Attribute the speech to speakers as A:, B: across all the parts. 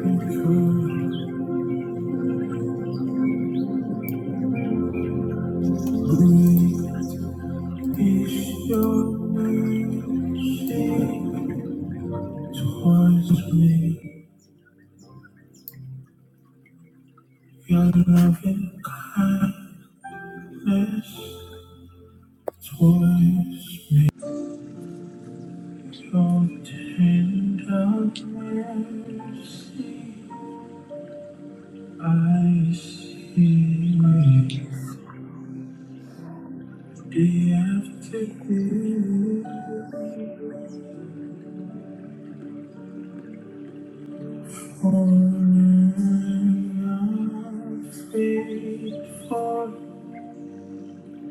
A: Is your mercy towards me, your loving kindness towards me, your tender mercy? I see
B: Yes, Lord.
A: day after day,
B: Yes, Lord. Glory to God.
A: pouring
B: Praise you.
A: out faithfulness.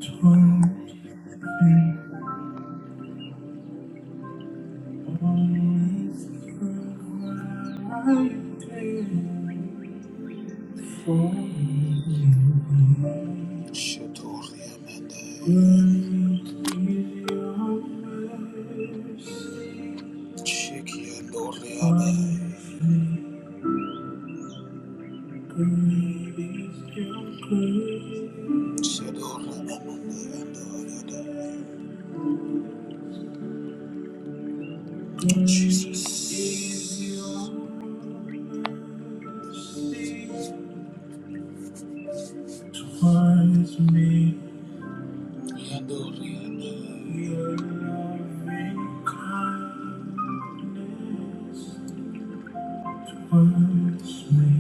B: Lord, I magnify your name. Thank you, Father. Thank, you. thank You.
A: Shador Amanda, Jesus is yours. Towards me, your loving kindness. Towards me,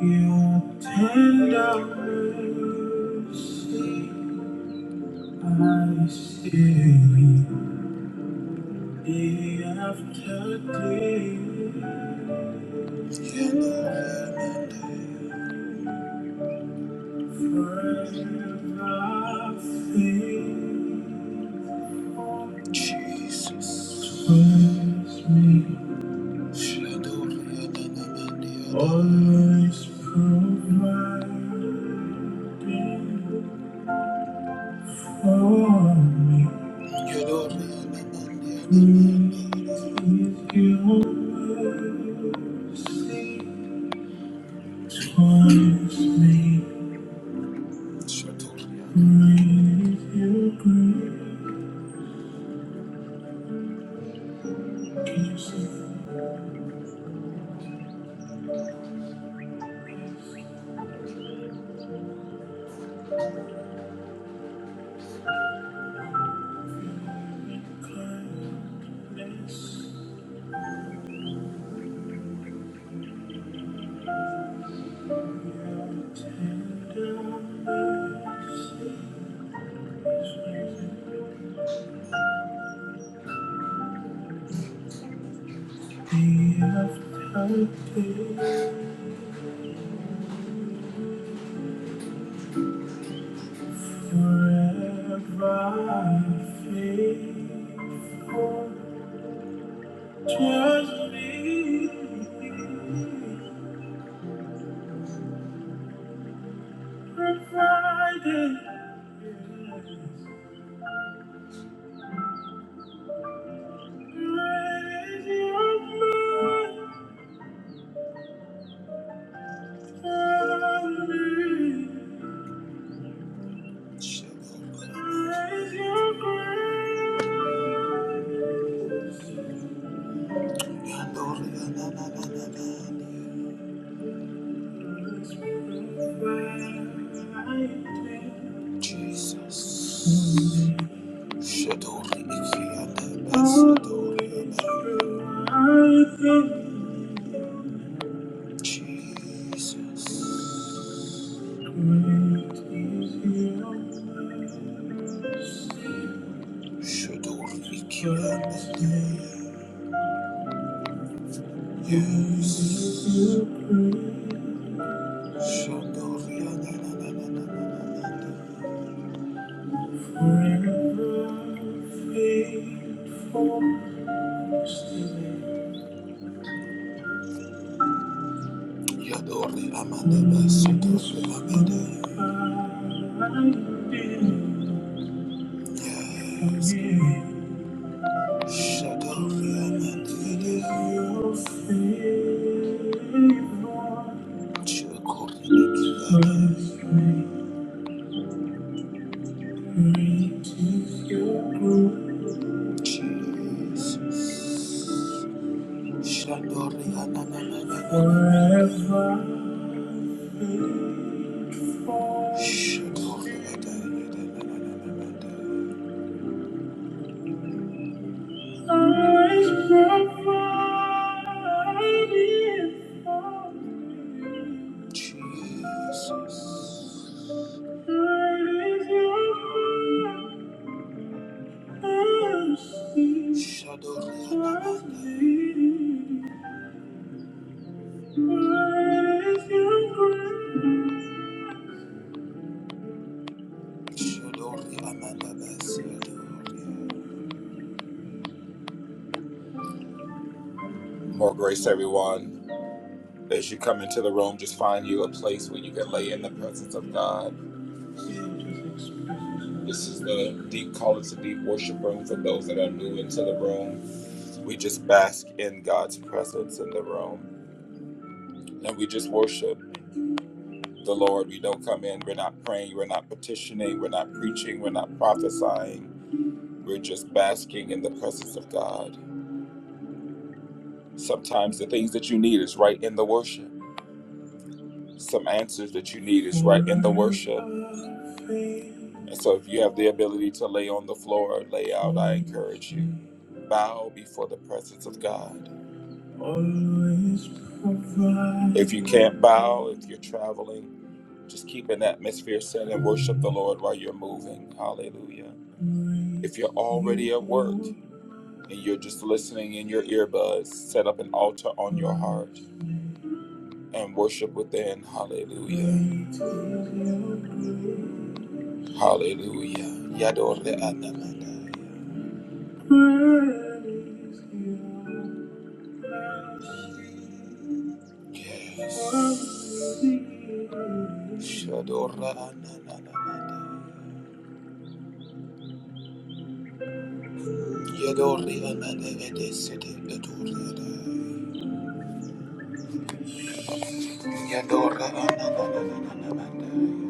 A: your tender mercy. I see day after day. Jesus. Praise me. Always providing for me. Great is your mercy towards me. Great is your grace. Just be provided. Great is your love. Jesus. Jesus. Yadore Amanda Basso, Amanda. Shut up, man. It is your favor. cool, Jesus. Forever faithful. Shut up, man. Na, na, More grace, everyone. As you come into the room, just find you a place where you can lay in the presence of God. This is the deep call to deep worship room for those that are new into the room. We just bask in God's presence in the room and we just worship the Lord. We don't come in, we're not praying, we're not petitioning, we're not preaching, we're not prophesying. We're just basking in the presence of God. Sometimes the things that you need is right in the worship. Some answers that you need is right in the worship. And so if you have the ability to lay on the floor or lay out, I encourage you. Bow before the presence of God. If you can't bow, if you're traveling, just keep an atmosphere set and worship the Lord while you're moving. Hallelujah. If you're already at work and you're just listening in your earbuds, set up an altar on your heart and worship within. Hallelujah. Hallelujah. Yadore Anamanda. Yes. Shadora Ananamanda. Yadore Ananamanda. Yadora Ananamanda.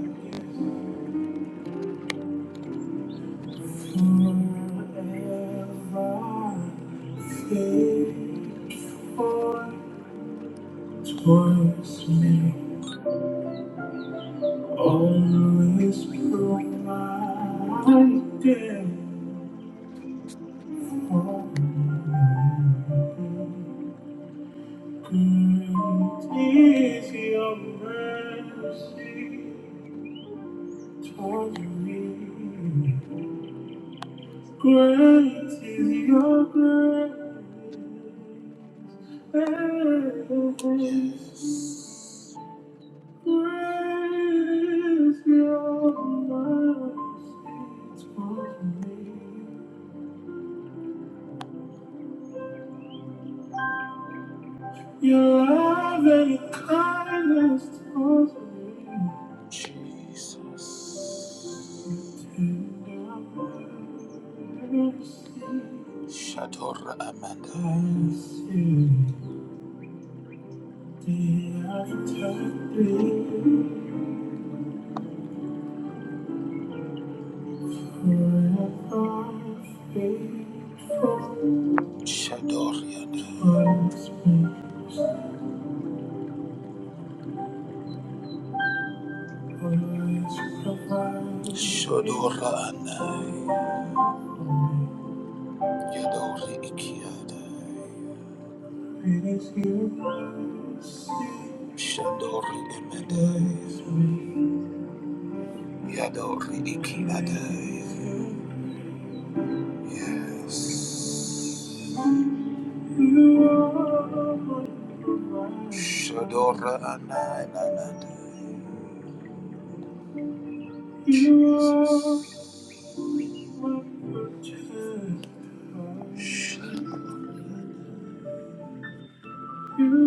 A: Forever faithful towards me, always provided for me. Great is your mercy toward me. Great is your grace. Great is your mercy towards me. Your love and your kindness towards me. Jesus. Tender mercy. Shator Amanda. I see. Day after day, forever faithful. Shadoriana. Always been, always provided. Shadorana. Yadori ikiada. It is your mercy. Shadori emedai. Yadori ikiada. Yes. You are. Shadora Anananda. Jesus. You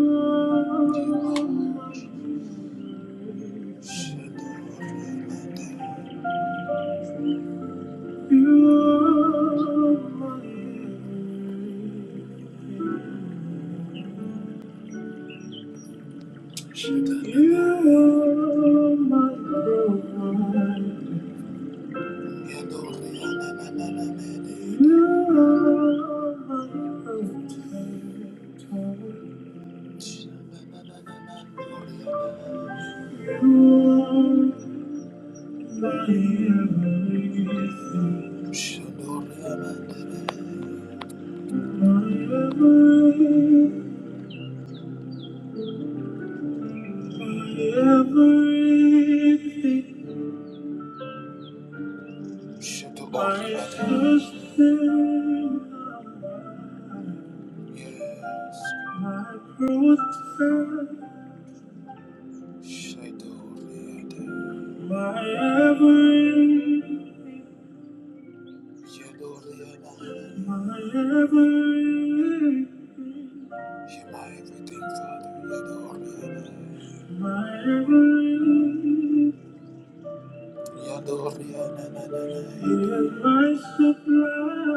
A: Yadori Anananda. My everything. You're my everything. You're my everything, Father. You're my everything. You're my supply.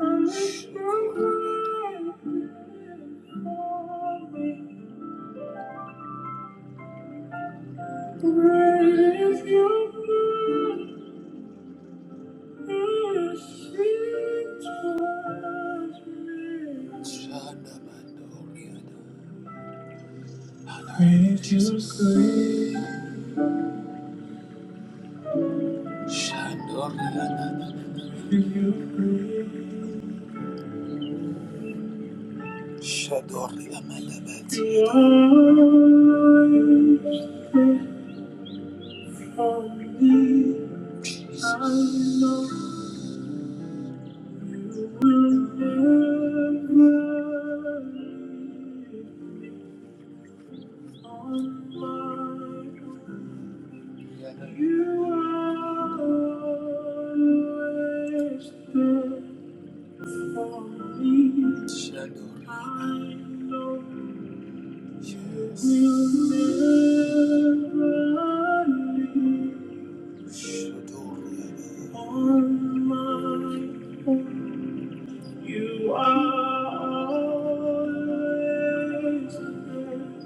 A: I'm so grateful. Great is your love. you Jesus, You are always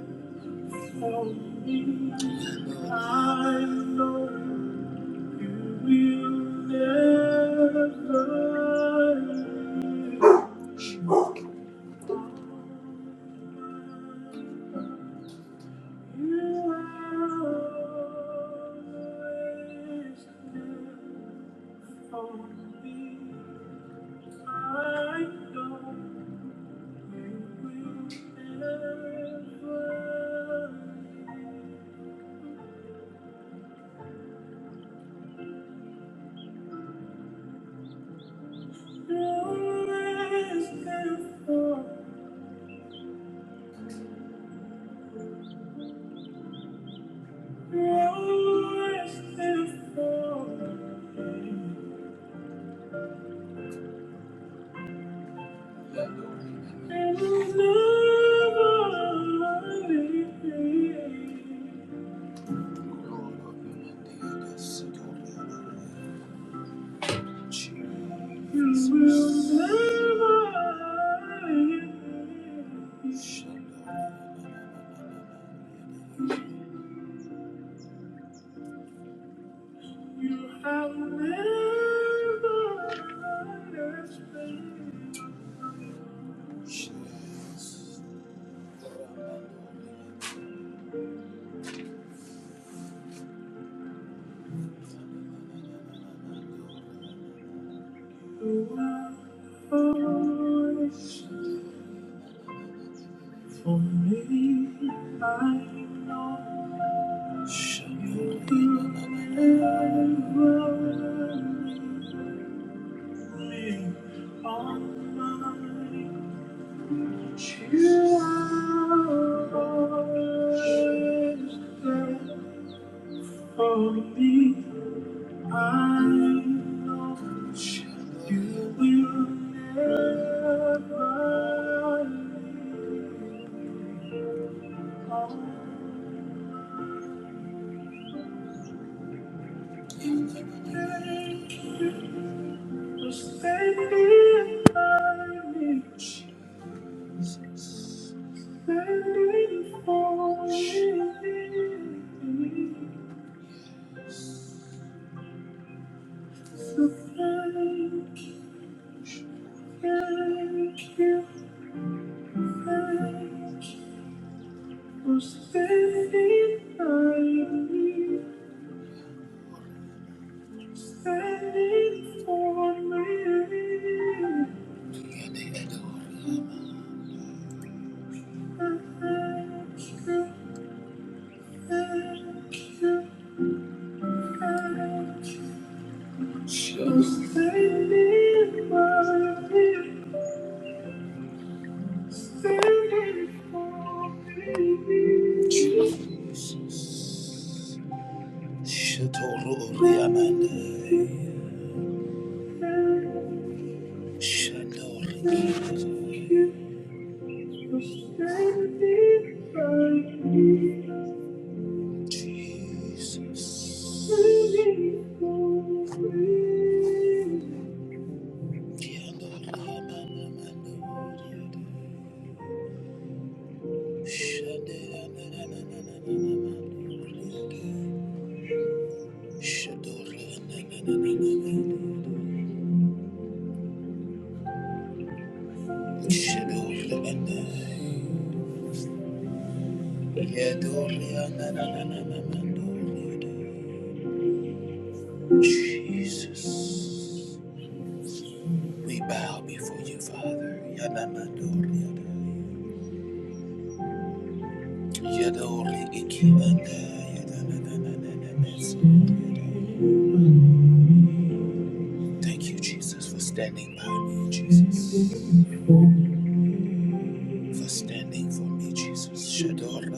A: there. Help me, I know you will never leave. You are always there for me. I know you will never, You're always there for me. Jesus. For me, I know shall you deliver me on mine. You are always there for me. I know you will never leave. You're standing by me, standing for me. So thank you, thank you, thank you. I'm standing by you, standing for me. Thank you, thank you, thank you. I'm standing by you, standing for me. Jesus. Shatoro Riamanda. Shandori. Jesus. Jesus. We bow before you, Father. Yadamadoriada. Yadori ikiwanda. Yadadadadadadadadada. Thank you, Jesus, for standing by me, Jesus. For standing for me, Jesus. Shadora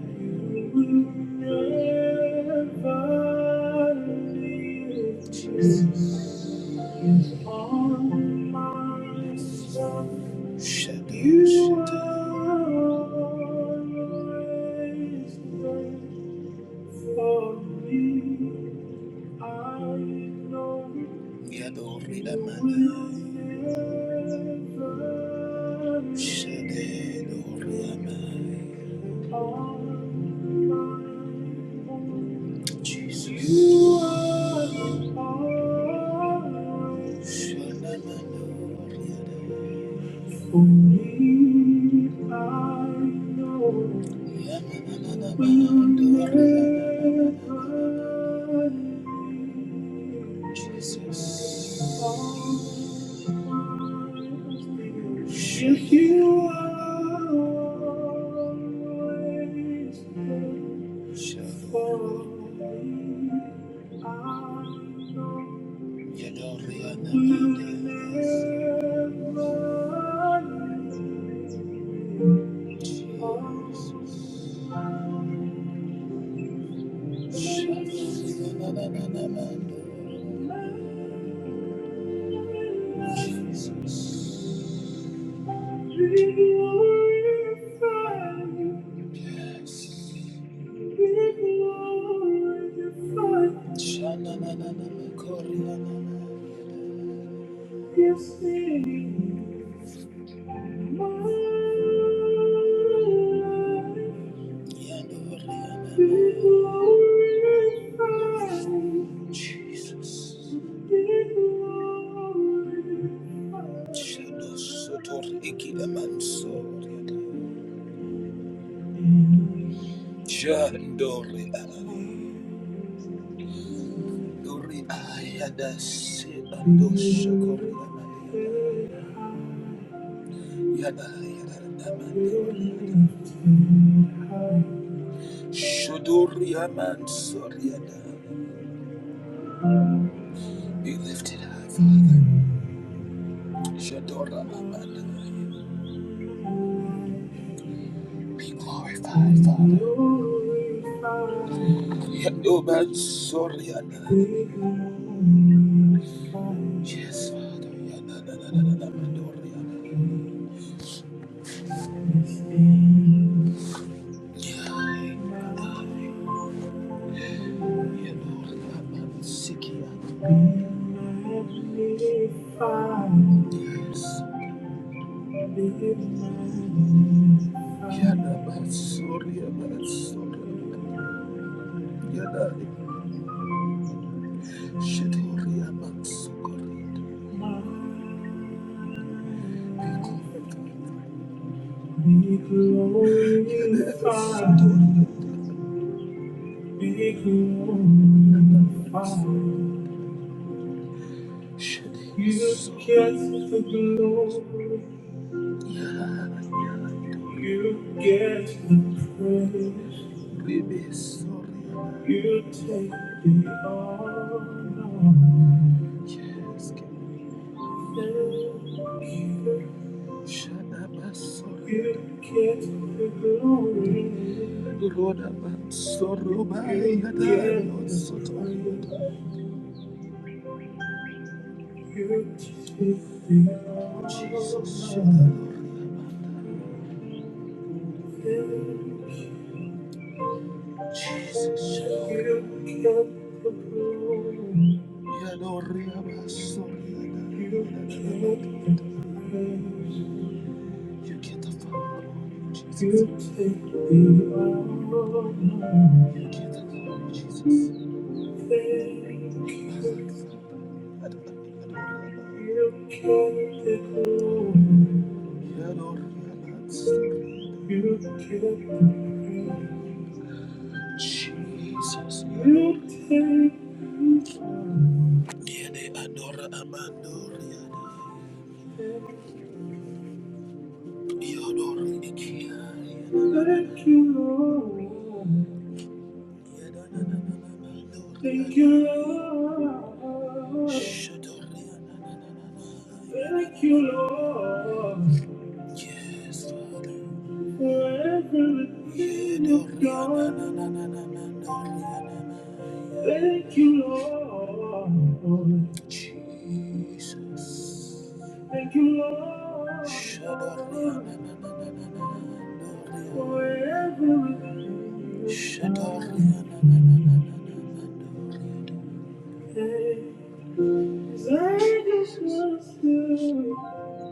A: Shall Yadori Amanai. Shade Dori Amai. Jesus. You are the Lord. Shana Manori Adai. Only I know will never leave. Jesus. Should you always look for me? I know you never leave me. Oh, should you always Jesus. Shadow Sotor Ikida Mansoria. Jandori Dori Ayada Se Ando Shokori Yada Yada Mandori Shodori Aman Soriada Be lifted high, Father. Shadora Aman. Be glorified, Father. Yadoban Soriada. Yes, Father. Yada Yada Yada Be glorified, be glorified. you get the glory? You get the praise. We You take the honor. Yes, get Thank you. You get the glory. Lord, I'm sorry. You get the praise. You get the power, Jesus. You get the glory, Jesus. You get the glory. You take Jesus. You take Yede adora amandoria. You, ikiari. Thank you, Lord. Thank you, Lord. Thank you, Lord. Yes, Father. For everything you've done. Thank you, Lord. Jesus. Thank you, Lord. Shadariana. Forever. Shadariana. I just want to.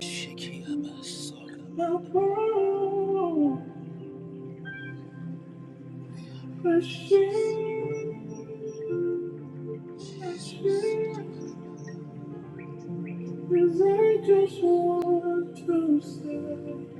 A: Shikiamasora. My poor machine. Cause I just want to say.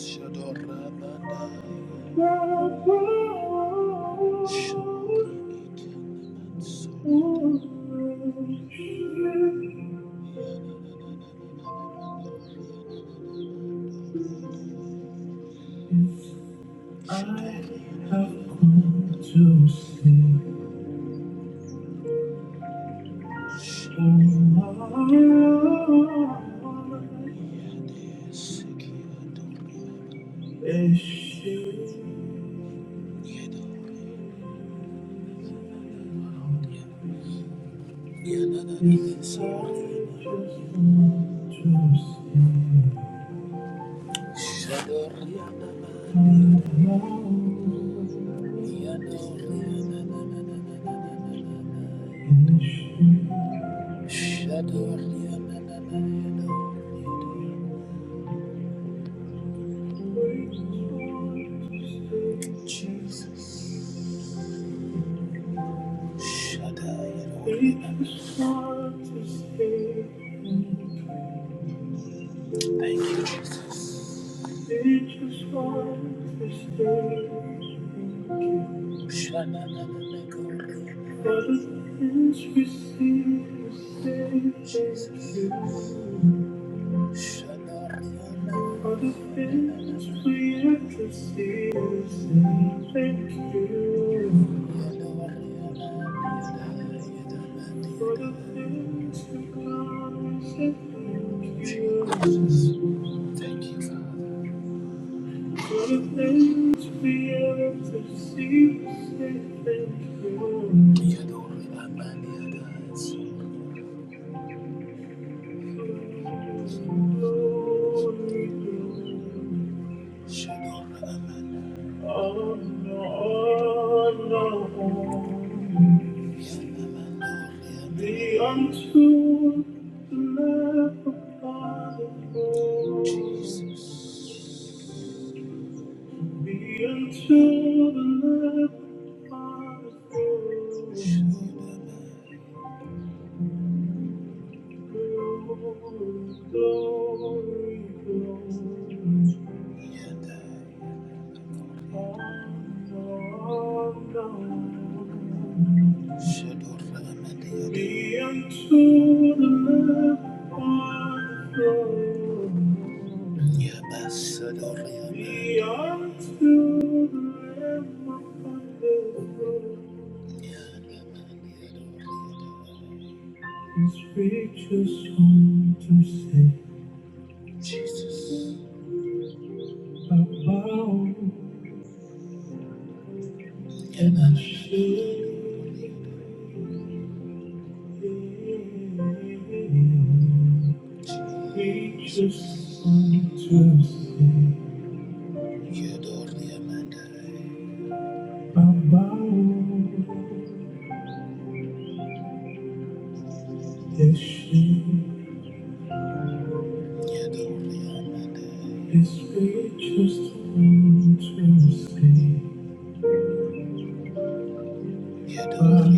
A: Shadorabanda. Thank you. Jesus. Thank you, Jesus. Jesus. Thank you, Father. For the things we have to see, say thank you. We adore you, Abba, and the others. Be unto the Lamb of the Jesus. Be unto the Lamb of the throne. Glory, glory, glory. Be unto the Lamb on the throne. Be unto the Lamb upon the throne. His features to say, I bow and I shake. Jesus unto thee, adore the Amanda. about this ship is gracious unto thee. About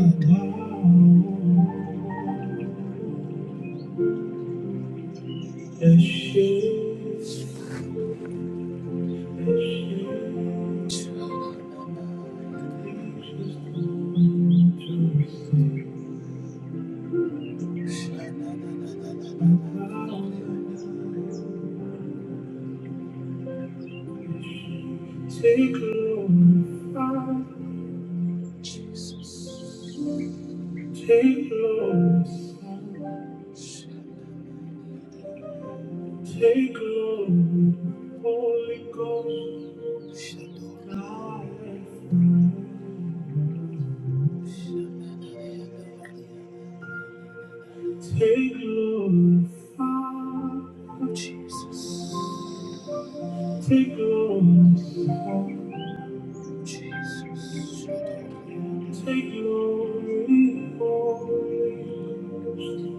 A: this ship, this ship is gracious unto thee. Take glorified, take glorified, take glory, Holy Ghost, now and forever. Take glorified, Jesus, take glory, Jesus. take glory, Holy Ghost.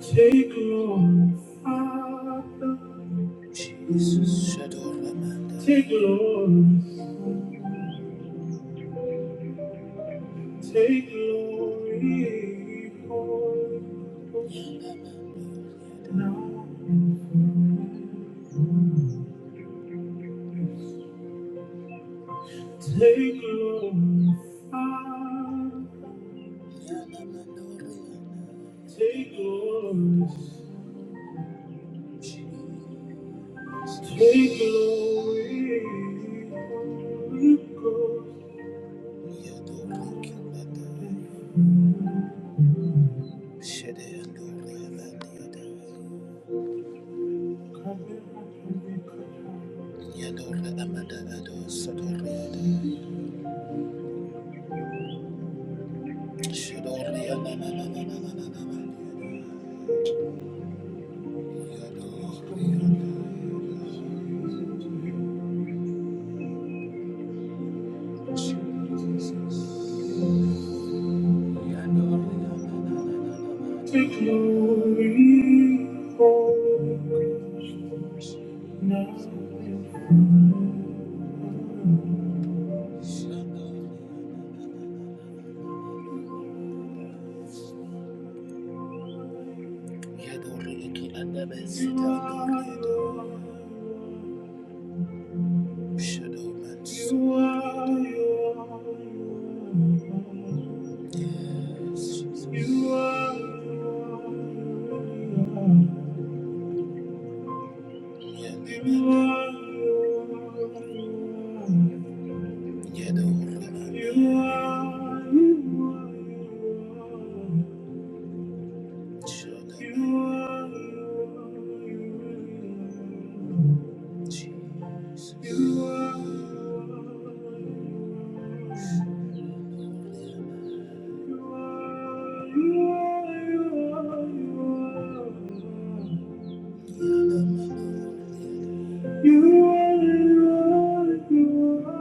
A: Take Lord, Father. Jesus, Shadoramanda. Take glory, take glory, Holy now and forever. Take glory, Father. Take glory, Take glory, Holy Ghost. Come and The glory of now You are, you you are. You are, you are, you are. Jesus. You are the Lord, you are.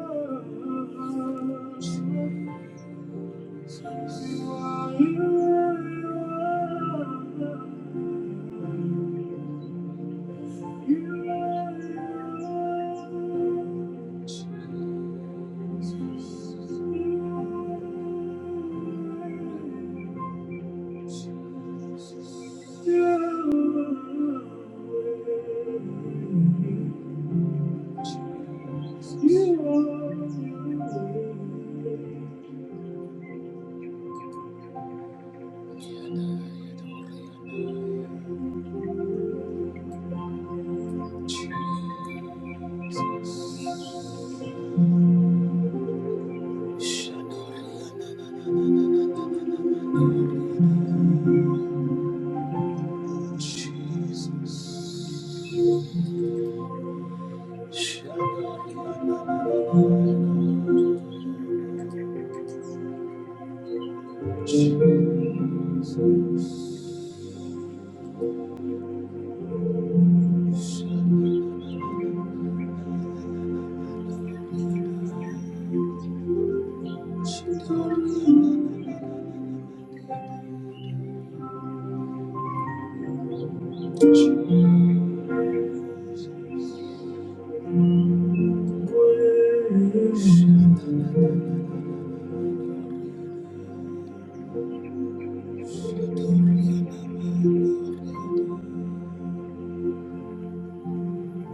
A: the one, You are the Lord, you are. the one, You are. Jesus. Shadoriana, Shadoriana.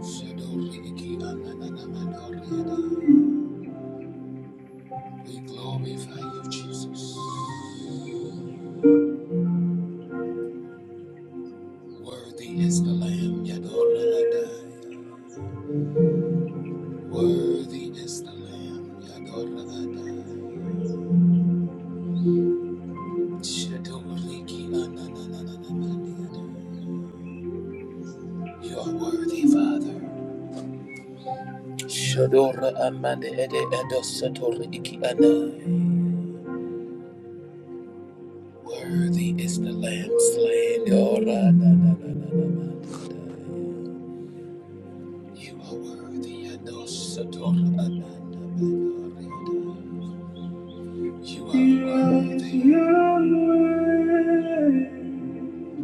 A: Shadoriki, Ananana, Mandoriana. We glorify you, Jesus. Worthy is the Lamb, Yadora Worthy is the Lamb, Yadora Adai. Shadoriki, Ananana, You are worthy, Father. Shadora Amanda Ede Edosator Iki Anai. Worthy is the Lamb slain. Ora na na na na na na. You are worthy, Edosator Amanda Mandoriada. You are worthy. You are worthy.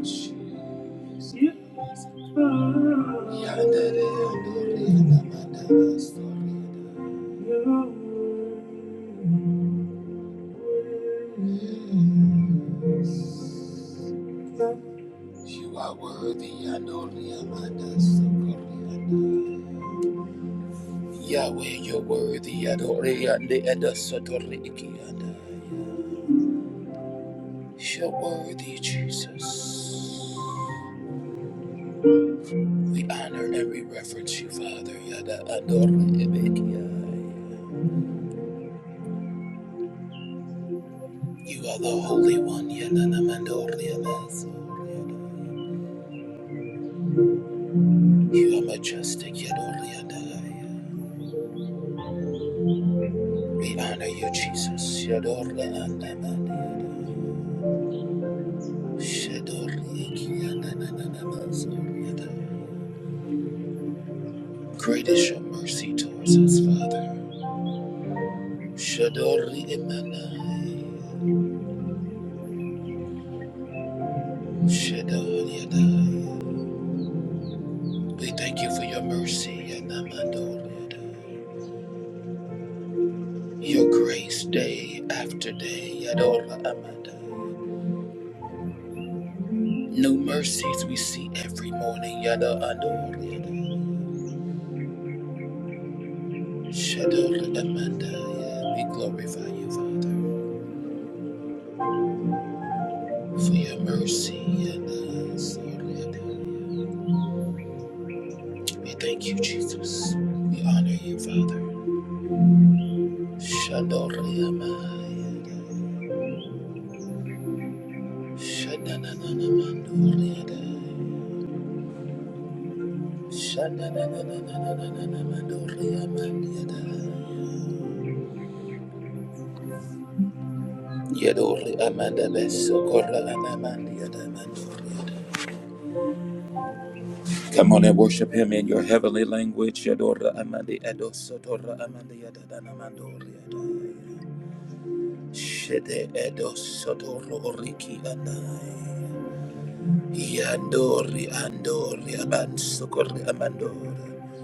A: Jesus. You are worthy. Yandere Andoriada Mandana Storiada. You are worthy. You are worthy, Adore Amanda Yahweh, you're worthy, Adore and Adasotore You're worthy, Jesus. We honor and we reverence you, Father, Yada Adore Ebekia. You are the Holy One, Yada Namandore Amasore. You are majestic, Yadore We honor you, Jesus. Shador le'anamadiada. Shador le'kianananamazoriada. Great is your mercy towards us, Father. Shador le'emanai. Shador yadai. We thank you for your mercy, yanamandoriada. your grace day after day. Yador le'amadai. New mercies we see every morning. Yada andoriada. Shadow Amanda, yeah, we glorify you, Father, for your mercy and us, O Lord. We thank you, Jesus. We honor you, Father. Shadow Amanda, Shadananamandoriada, Shadananamandoriamanda, Yadori Amanda Besocorra Anamanda, Mandoriada. Come on and worship him in your heavenly language. Yadora amandi edosotora amandi yadadana mandori yadai. Shede edosotoro oriki anai. Yandori andori abansokori amandori.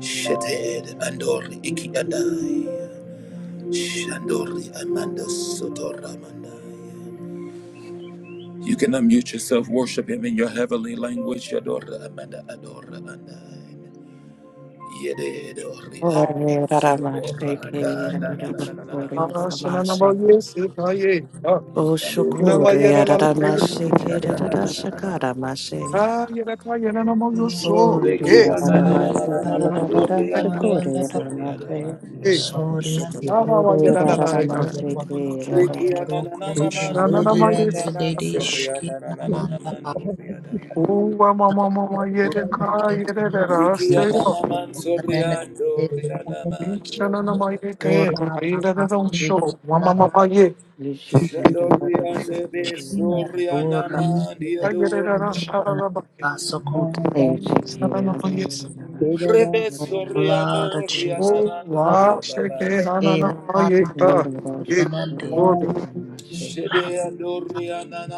A: Shede ed andori iki adai. Shandori amanda amandai. You can unmute yourself, worship him in your heavenly language. Yadora amanda adora andai. Yede do ria do ra na na na na na na na na
C: Yes. Oh,
A: na. Yado ria na na na na do ria na na na na na
D: Isabel
A: na. Reki ya na na na na na na
E: Alana
A: na do ria na na
E: Orianda
A: so ria na
F: Thank
A: na ria na.
E: Sorian and
A: Reki ya na na na
E: Brocos
A: na na do ria
E: Element
A: na na so ria
E: Dedishkin
A: na na na na na
E: Amanda
A: na do ria na.
E: Kitten
A: Reki ya na
F: you.
A: na na so ria do ria na na do ria na.
E: Ora Papa Dekina
A: Shadoriande
E: Dora
A: Besorianana
E: the
A: Diador
E: Kina Basokut and Blood of
A: Rebesoriano
E: Jesus.
A: Rianando
C: wow, shake it, na na na,
E: Kale
A: Rianamanda
C: ma
E: Man
C: yeah,
E: Utanandi
C: yeah.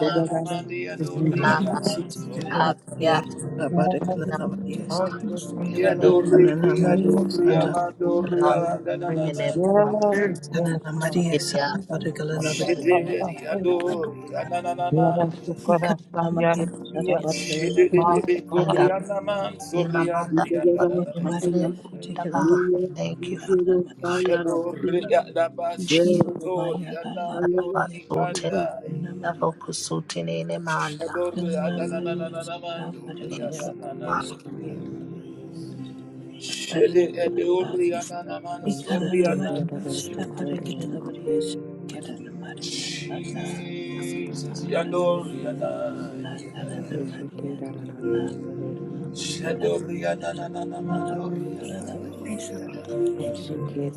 E: and
C: is we will
E: Tanama
A: Rianamanso
G: Anasitikelena
E: Katia,
G: Maria
E: Thank
G: Sabadekelena Maria
C: all take under the
E: you,
C: love and
G: Kanana
A: Yandoriki
G: Maria
E: Lord,
G: Sata
A: Adoriamando
G: kelena
E: for us in the
C: praise
A: Riananana
E: name
C: of
E: of
F: Yes,
C: God.
F: yes,
G: Kanana
F: Father.
G: Maria
E: Jesus.
G: Sata
F: Amen.
G: Badekelena
F: Amen.
G: Maria
F: Amen. Thank
A: Shederiando
F: you. Yara tu
A: Riananamanda
G: Kanana
F: coração, yara
G: Maria Sata
F: tia,
G: Badekelena Maria
F: mala,
A: Shedebe
F: mala.
E: Manda
G: Sitikelena
A: Corianaman
G: Maria Sata
E: Rima Manda
A: Soriandianda
F: Yara
G: ngene Maria
F: kaya, yara
E: Basutele Manda
G: Sitikelena
E: Thank you for the
F: kikira,
G: Maria
E: blood,
F: yara
A: Shadori
F: tina,
G: Iki
F: yara
E: Jesus.
G: Maya
A: Adabasodori
G: Lala
F: kaya,
E: Manda
F: yara
G: Maria
A: Anandori
E: Basutele
F: kikira.
G: Sitikelena
A: Andai
E: Manda
G: Maria
E: Vokusutele Manda.
A: Shadori
G: Kanana Maria Sata
A: Ananananamandori
E: Thank you,
G: Badekelena Maria
E: Father.
A: Anananandori
G: Siti
A: Shede
G: Maria sata
A: Edori Ananamansori
G: Ikarana Maria
A: Anandai
G: Sita Parigala Maria Sikarana Maria Sata
A: Jesus
G: Ikarana
A: Yandori Anandai
G: Karana Maria Sata
A: Shadori
G: Ikarana
A: Anananamandori
G: Parigala Maria
A: Anandori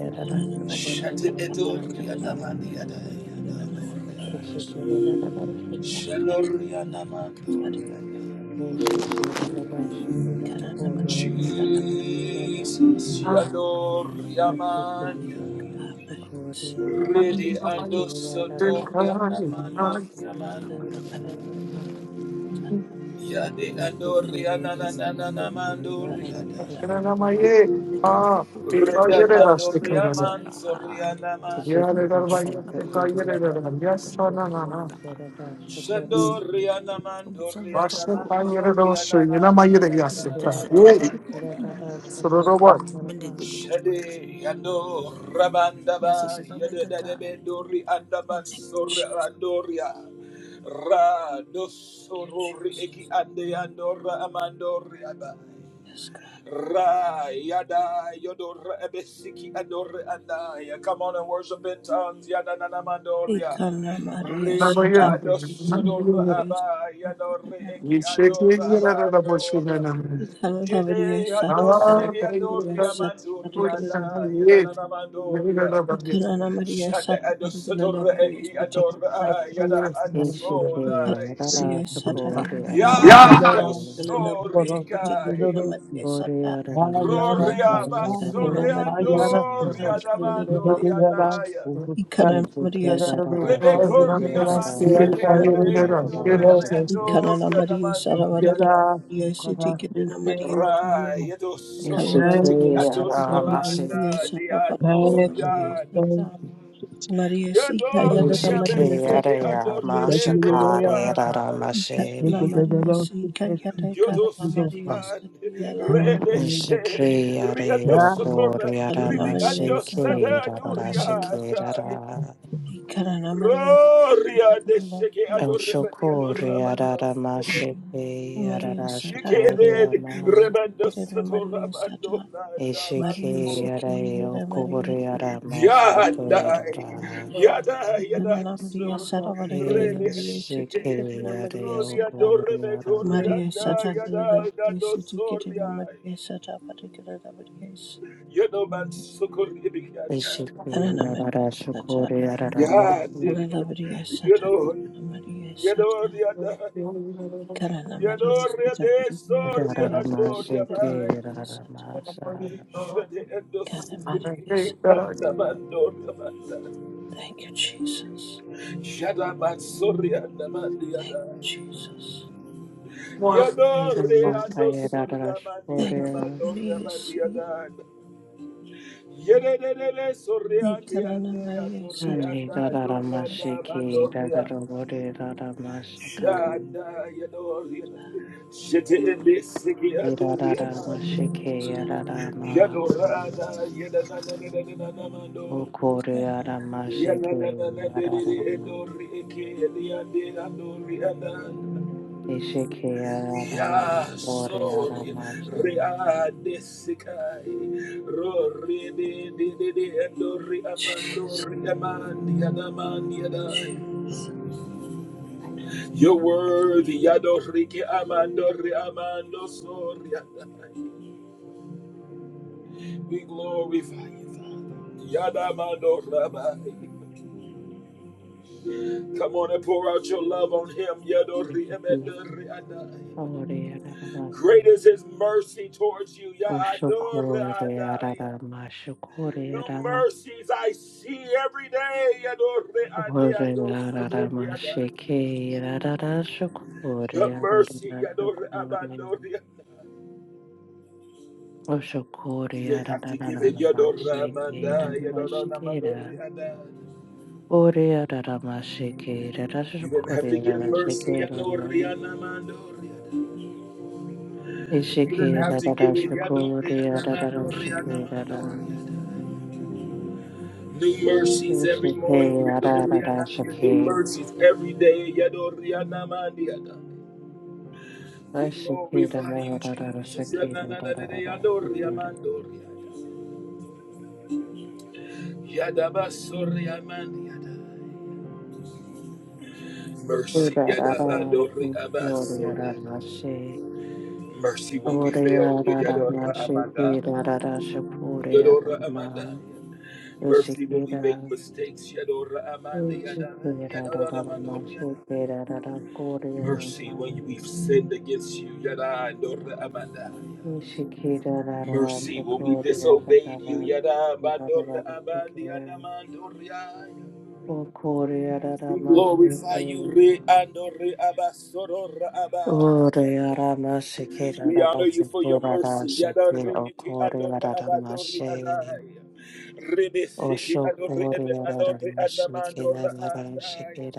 G: Ikarana Maria
A: Shade
G: Sata
A: Edori
G: Parigala
A: Ananandi
G: Maria
A: Adai
G: Sikarana Maria Sata Maria Parigala Maria Sata
A: Shalorianamandoria.
G: Parigala Maria ikarana Maria Sata Parigala Maria Sata Maria Sata parigala
A: Jesus,
C: Ah,
A: Shaloriamania.
C: I'm in
A: Rede
C: the fire.
A: ando
C: Burn
A: sotoria
C: all I need. Ah,
A: namandoria mandoria. Yade andoria nanananamandoria.
C: I should have done my year.
D: I can see
C: Ah,
D: that the
C: before
A: Rede
C: you did
D: tar,
C: us, the king
A: mandoria
C: of them.
A: manzoria
G: Maria
C: Yeah, they don't like
D: step
C: us,
D: up
C: they
D: a
C: call
D: cut
C: you
D: of the
C: the
A: namandoria.
C: little one. Yes, oh,
D: Pokemon
C: no,
D: about
C: no,
D: the
C: no.
D: tar,
C: We
D: see that the
A: Shadoria
D: Pokemon Sanda
A: namandoria
C: worship
D: Sapo,
C: by you, the Lord,
A: namandoria
C: so you know my year,
A: namandoria
C: yes, it can. Yeah. So
A: namandoria.
C: the Lord what?
A: Shade yando rabandaba yede dede bedori andaban
D: Yes,
A: sore andoria ra
G: Thank you,
A: dosorori eki
G: Jesus.
A: ande yandora amandoria ba
G: Yes, God.
A: Ra yada yodor ebesiki ador andaya. Come on and worship in tongues. Yada nana mandoria.
G: Ikana Maria
C: Number
A: Reki
G: Satapa.
A: ados ador
C: you.
G: Yes,
A: aba yador
G: Ikana
C: You
A: eki
G: Maria.
C: shake me,
A: ador
C: you know,
A: aba
C: the Lord, so you
A: ador.
C: know.
G: Ikana Maria
A: Yede adosegi
G: Satapa.
A: adoria
G: Yes, Satapa.
A: mandoria
G: Ikana
A: da yada nana mandoria.
G: Maria
A: Shada
G: Satapa. Ikana Maria Satapa.
A: ados
G: Ikana
A: eki ador a yada ansora.
F: Si,
G: Maria Satapa.
F: yara
G: Ikana Maria Satapa. Maria Satapa.
F: kikira,
A: Yado
G: Maria
F: koro
G: Sikana
F: kikira,
A: sorikai.
G: Maria Satapa. Ikana
F: si,
G: Maria Satapa.
F: Ma yara
A: Roria
F: kaya, koro
A: basoria
F: kaya,
A: Doria
F: tina.
A: riadamando
F: Yara kikira,
A: rianaya.
F: koro
G: Ikana Maria Satapa.
F: kikira,
A: Rebeco
G: Maria
F: Thank you,
A: riamasede
F: Lord.
G: Satapa.
F: Thank
A: riando
F: you.
A: riamando
G: Ikanana Maria
A: riadamando
F: Thank
G: Saravaragala
A: rianda.
G: Maria City Kirana Maria
C: Yeah.
A: Raiedo sori
G: Ikalala Maria City
A: ando
G: Kirana Maria
A: samanda
G: Saravaragala
A: diando
F: you,
G: Maria
F: Lord.
A: rianda.
F: Thank
G: Sata
F: you, Jesus.
G: Maria
A: Yado
G: Sikayarana
F: Hallelujah.
G: Maria
A: riabeseke ando
G: Saravaragala
F: Thank you, Lord. Thank you, Lord. Thank you, Thank you,
G: Maria
A: rebedo
G: City
A: rianda.
G: Ikarana Maria Sikayara
A: Yodo
G: Karana
F: Lord.
A: siki
G: Maria City
A: and
F: Thank
G: Alavala
F: you, Lord.
A: rebesed riando
F: Yeah, yeah.
A: socorra
F: Thank you,
G: Karana
A: ribi
F: Lord.
G: Maria
A: ando sadanu
G: Saravaragala Maria City
A: rianda.
G: Ikarana Maria
A: Roria de Sheke
G: Laudetur Jesu
A: Adorabandi
G: Maria,
A: Adorabando Sora.
G: Maria Sata,
A: Yikede
G: Laudetur Jesu
A: Rebando
G: Maria
A: Satorabando
G: Sata, Maria
A: Nadabansor.
G: Sikira Maria Sata,
A: Yadai Yada
G: Kanana Maria
A: Yadansor.
G: Sata, Vadagala
A: Rede
G: Maria City,
A: Siked.
G: Kirina Maria
A: Rodia
G: Sata,
A: Dorebeco
G: Maria
A: Rianda
G: Sata, Kirina
A: Yada
G: Maria
A: Dado
G: City, Kirina
A: Soria.
G: Maria Sata, Vadagala Maria
A: Yadoman Sokoribikata.
G: Kanana Maria Sata,
A: Yadid.
G: Kalava Maria Sata, Kirina
A: Yadon.
G: Maria Sata,
A: Yadon Yadai.
G: Karana Maria
A: Yadore
G: Sita
A: de
G: Karana
A: soria
G: Maria Sita
A: adoria
G: Karana
A: bai.
G: Maria Sita
A: Shade endo
G: Karana
A: sukuri
G: Maria Sita
A: kanda bandoria banda.
G: Thank you Jesus
A: Shada bansoria namandia
G: Thank
A: dai.
G: you Jesus
A: Yadore ando sorra mandia
G: Thank you
A: namandoria
G: Maria
A: mandia
G: Sita
A: dai. Yede de de de soria di
G: Karana
A: ande
G: Maria
A: adore
G: Sita
A: anda adora da
G: Maria Sita
A: bandoria. Shada yadoria. Shete ende siki adoria
G: Karana
A: bai.
G: Maria Sita Karana Maria Jesus Jesus
A: Come on and pour out your love on him. Great is his mercy towards you. Yadori New mercies I see every day. Your mercy. You didn't have to give it. You didn't have to give mercy. You didn't have to give it. New mercies every morning. New mercies every day. Yadoriana, Mandiada. We glorify you, Jesus. Mercy, Mercy won't be failed. Yadora Amanda. Yadora Amanda. Mercy when we make mistakes. Mercy when we've sinned against you, Yada Dora Amanda. Mercy when we disobeyed you, Yada Bandora Abandi Anamandoria. We glorify you, Re Andore Abasodora Abaya. We honor you for your mercy, Yada Re Iti Andora Abandori Adaya. Rebe Siki Andore Andore Anamandora Adaya.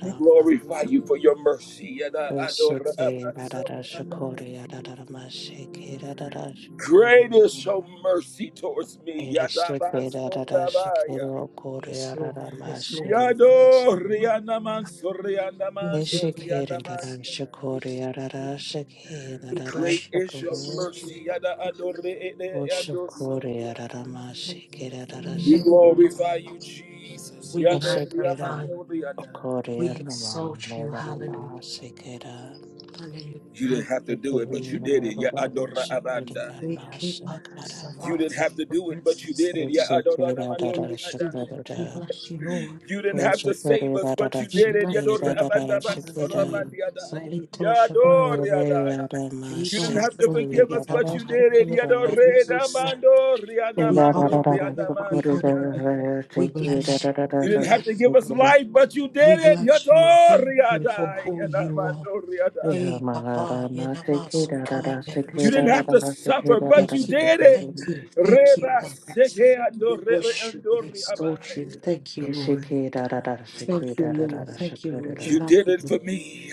A: We glorify you for your mercy, Yada Adora Abasodora Adaya. Great is your mercy towards me. Yatabasorabaya.
H: Yes, Lord. Yes, Lord.
A: Yado rianaman
H: Thank
A: sorianaman
H: you for
A: dorianaman
H: this.
A: yada.
H: Thank you. Thank you. We
A: Great
H: worship.
A: is
H: We
A: your
H: thank you.
A: mercy. Yada
H: Thank you.
A: adore ede yado soria.
H: Thank you.
A: We
H: Thank you.
A: glorify
H: Lord.
A: you, Jesus.
H: We
A: Yado riaman
H: magnify. you.
A: doriana.
H: We exalt you. Hallelujah. Hallelujah.
A: You didn't have to do it, but you did it. Ya adora abanda.
H: We keep our
A: You didn't
H: savate.
A: have to do it, but you did it. Ya adora
H: We
A: namandori
H: bless you,
A: ada.
H: Lord. We bless you, Lord.
A: You didn't have to save us, but you
H: We
A: did it.
H: bless you, Lord. Hallelujah. Salito Shabbat.
A: You didn't
H: Libera
A: have to
H: forte
A: forgive
H: di
A: us, but you did
H: cavallo
A: it.
H: We honor you, Lord. We honor you. We bless you.
A: You
H: We
A: didn't have to
H: bless
A: give us
H: you, Lord.
A: life, but you
H: We
A: did it.
H: bless you. Thank you for who you are. Hey, Papa, Yenamasu Kai
A: You didn't
H: Medusia.
A: have to suffer, but you
H: Thank you.
A: did it.
H: Thank you. Thank you, Lord. We worship and exalt you. Thank you, Lord. Thank you, Lord. Thank you, Lord. We
A: You
H: love
A: did
H: you,
A: it
H: Lord.
A: for me.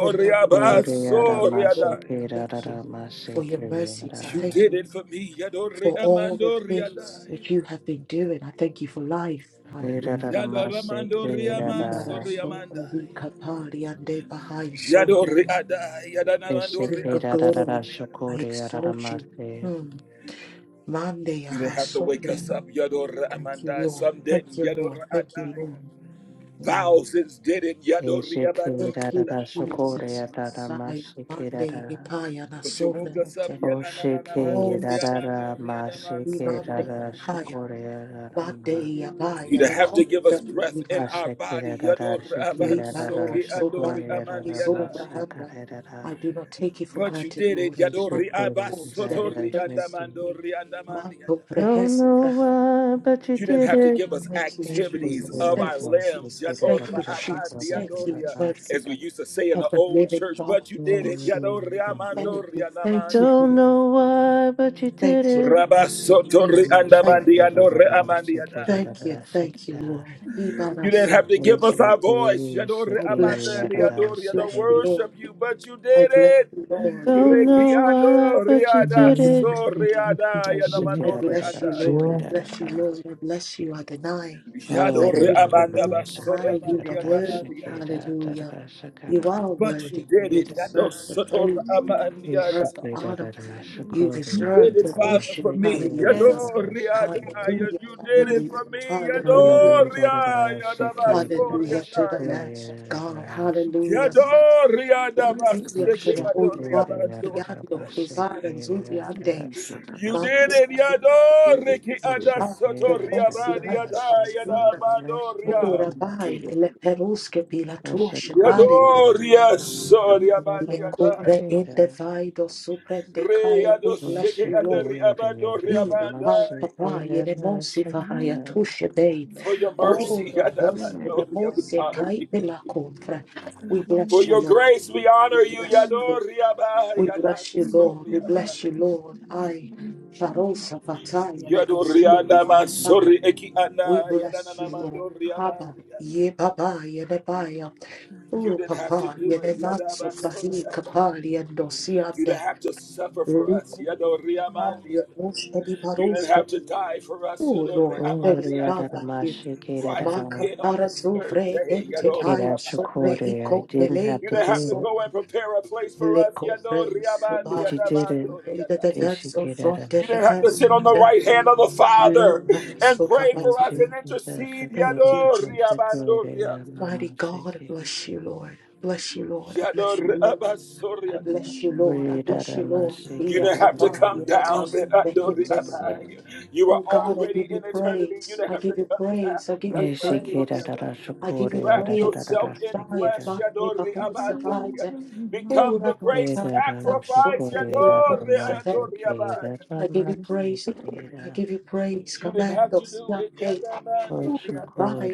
H: We love you, Lord. We love you, Lord. I thank you for your mercies. I
A: You
H: thank
A: did
H: you
A: it for me.
H: for all the things that
A: Yadoriamandoriadaya.
H: you have been doing. I thank you for life. Hallelujah. Libara sombra vika
A: Yadoramandoriamansoriamandaya.
H: pari ande bahai sombra.
A: Yadoriadaya.
H: King of glory,
A: Yadanamandoriabasoriadaya.
H: I exalt you. Mm, Mande
A: You didn't
H: yaha
A: have to wake
H: sobre.
A: us up.
H: Thank you,
A: Yadoramandaya.
H: Lord.
A: Some
H: Thank
A: didn't.
H: you, Lord. Thank you,
A: Yadoradaya.
H: Lord. Mm,
A: Thousands did it. Yadoriamandoriadaya.
H: Thank you, Jesus. Messiah. Mande hipaya na
A: But you woke
H: sobre
A: us up.
H: ante. Oh, so divande
A: Yanananamandoriamandoriadamansoria.
H: haya. Bade
A: you
H: yabaya
A: to
H: na
A: have to give us breath
H: comfort.
A: in our body. Yadori
H: Libaro
A: abansoke andori
H: Zobande
A: amandi
H: is
A: adai.
H: Obrahanda. I do not take you for
A: But you
H: granted,
A: did it.
H: Lord. Do Not
A: Yadori
H: the cause that it
A: abasotori
H: don't see me.
A: andamandori andamandi
H: Marco
A: adai.
H: Prehesa Brahanda.
A: You didn't have to give us
H: Thank you,
A: activities
H: Jesus.
A: of our
H: Thank
D: yes.
H: you,
A: limbs.
H: Jesus. Thank
A: Yadori
H: you, Jesus.
A: abandi
H: Thank you,
A: andoria,
H: mercy
A: As we used to say in the
H: of the
A: old
H: living
A: church,
H: God.
A: but you did
H: Thank
A: it.
H: you.
A: Yadori
H: Thank
A: amandori
H: you. Thank you,
A: andamandi
H: Lord. Thank you. Thank you. Thank
A: Rabasotori
H: you. Thank
A: andamandi
H: you.
A: andori amandi
H: Thank
A: adai.
H: you. Thank you, Lord. Hibara
A: You didn't have to give
H: Sobrahanda.
A: us our voice. Yadore
H: I bless
A: amanda
H: you,
A: de
H: Lord.
A: adore
H: I
A: to
H: bless you,
A: worship
H: Lord.
A: you, but you
H: I
A: did
H: bless
A: it.
H: you, Lord. I bless you.
A: Rekiando riada
H: I
F: Hallelujah.
H: bless
A: so
H: you,
F: Thank you,
H: Lord.
A: riada
F: Lord. Yes,
H: I
A: yadamando
H: bless you,
A: riandaya.
H: Lord. I bless you, Lord. I bless you, Adonai.
D: Yes.
H: I
A: Yadore
H: bless you,
A: amanda
H: Lord.
A: basora
H: Hi, you are
A: mandiada
H: worthy.
A: mandiada.
H: Hallelujah. You are
A: But you
H: worthy.
A: did
H: You
A: it. Yado
H: deserve the
A: sotor
H: praise. You
A: amandiada.
H: deserve the honor. You
A: You
H: deserve
A: did it,
H: the
A: Father,
H: worship.
A: for me.
H: Hallelujah.
A: Yado riada.
H: Hallelujah.
A: You did it
H: Hallelujah.
A: for me. Yado
H: Hallelujah.
A: riada yadabaso
H: Hallelujah to the
A: riada.
H: Lamb of God. Hallelujah.
A: Yadoriada
H: Hallelujah to
A: baseke
H: the Holy
A: adoria
H: One. Yando,
A: bandoriada.
H: Hizara, Zubiande,
A: You did it,
H: Mate,
A: Yadoriki ada sotoria bandiada yada bandoria.
H: Ora vai
D: Get it.
H: le perusche pila tua scevare di
A: Yadoria soria
H: Le
A: bandiada.
H: cubre in the vido supra de
A: Re
H: kaya. We bless
A: adosheke
H: you, Lord.
A: adoria bandoria
H: Vida para
A: bandai.
H: papai de demonse varraia tuche dei.
A: For your
H: Oh,
A: mercy, yada
H: raposa
A: bandoria, we
H: demonse
A: honor
H: cai
A: you.
H: la contra. We
A: For
H: bless you,
A: your
H: Lord.
A: grace, we
H: We
A: honor you,
H: bless you, Lord.
A: Yadoria ba
H: We
A: yada
H: bless you, Lord. We
A: soria
H: bless
A: Badiada.
H: you, Lord. I, Sharosa Fataya Negosia
A: Yadorianda
H: Paya Paya.
A: Masori Eki
H: We
A: Anda
H: bless you,
A: Yadanana
H: Lord.
A: Mandoria
H: Haba,
A: Mandia.
H: ye baba, ye debaya.
A: You
H: Oh,
A: didn't have to
H: papa, ye
A: do it. Yada
H: devatso frahi
A: Masori Anda.
H: kapali and
A: You didn't
H: dosiande.
A: have to suffer for us.
H: Liku,
A: Yadoria
H: kapali,
A: Mandia.
H: mosh
A: You didn't have
H: edivaroske
A: to die for us.
H: Oh Lord,
A: Yadoria
H: there is
A: Mandia.
H: none like you.
A: Rise again on the
H: Makapara
A: third
H: sufre
A: day.
H: ente
A: Yadoria
H: ayo sombre
A: Manda.
H: iko belei
A: You didn't
H: para
A: have to go
H: sombre.
A: and prepare a place for us.
H: Leko frei
A: Yadoria Mandia.
H: sobai shabare de defenso fronte
A: You didn't have to
H: beheso
A: sit on the
H: te.
A: right hand of the Father
H: Lipara
A: and
H: sofa
A: pray for us and
H: hataya.
A: intercede.
H: Thank you,
A: Yadoria
H: Jesus.
A: bandoria.
H: Mighty God, I bless you, Lord. Bless you, Lord. I bless you,
A: Yadoria
H: Lord. I
A: basoria.
H: bless you, Lord. I bless you, Lord.
A: You
H: Ia
A: didn't have to
H: papa,
A: come
H: ia da
A: down.
H: nasu,
D: Go.
A: Yadoria
H: behente
A: bai. You were
H: Oh God, I
A: already
H: give you
A: in eternity. You
H: praise.
A: didn't
H: I
A: have to
H: give you
A: come
H: praise. I give
A: down.
H: you praise.
A: Yadoria bai.
H: I give you
A: Wrap
H: praise.
A: yourself in
H: Messiah,
A: flesh.
H: Father,
A: Yadoria
H: Behold,
D: Thank
A: bandoria.
H: Savite. Oh,
A: Become the
H: that one
A: great
H: time, that soul,
A: sacrifice.
H: that
A: Yadoria bandoria bai.
H: I give you praise, Lord. I give you praise.
A: You didn't have to
H: Commandos,
A: do
H: that
A: it.
H: day.
A: Yadoria
H: Oh,
A: bandoria. bai.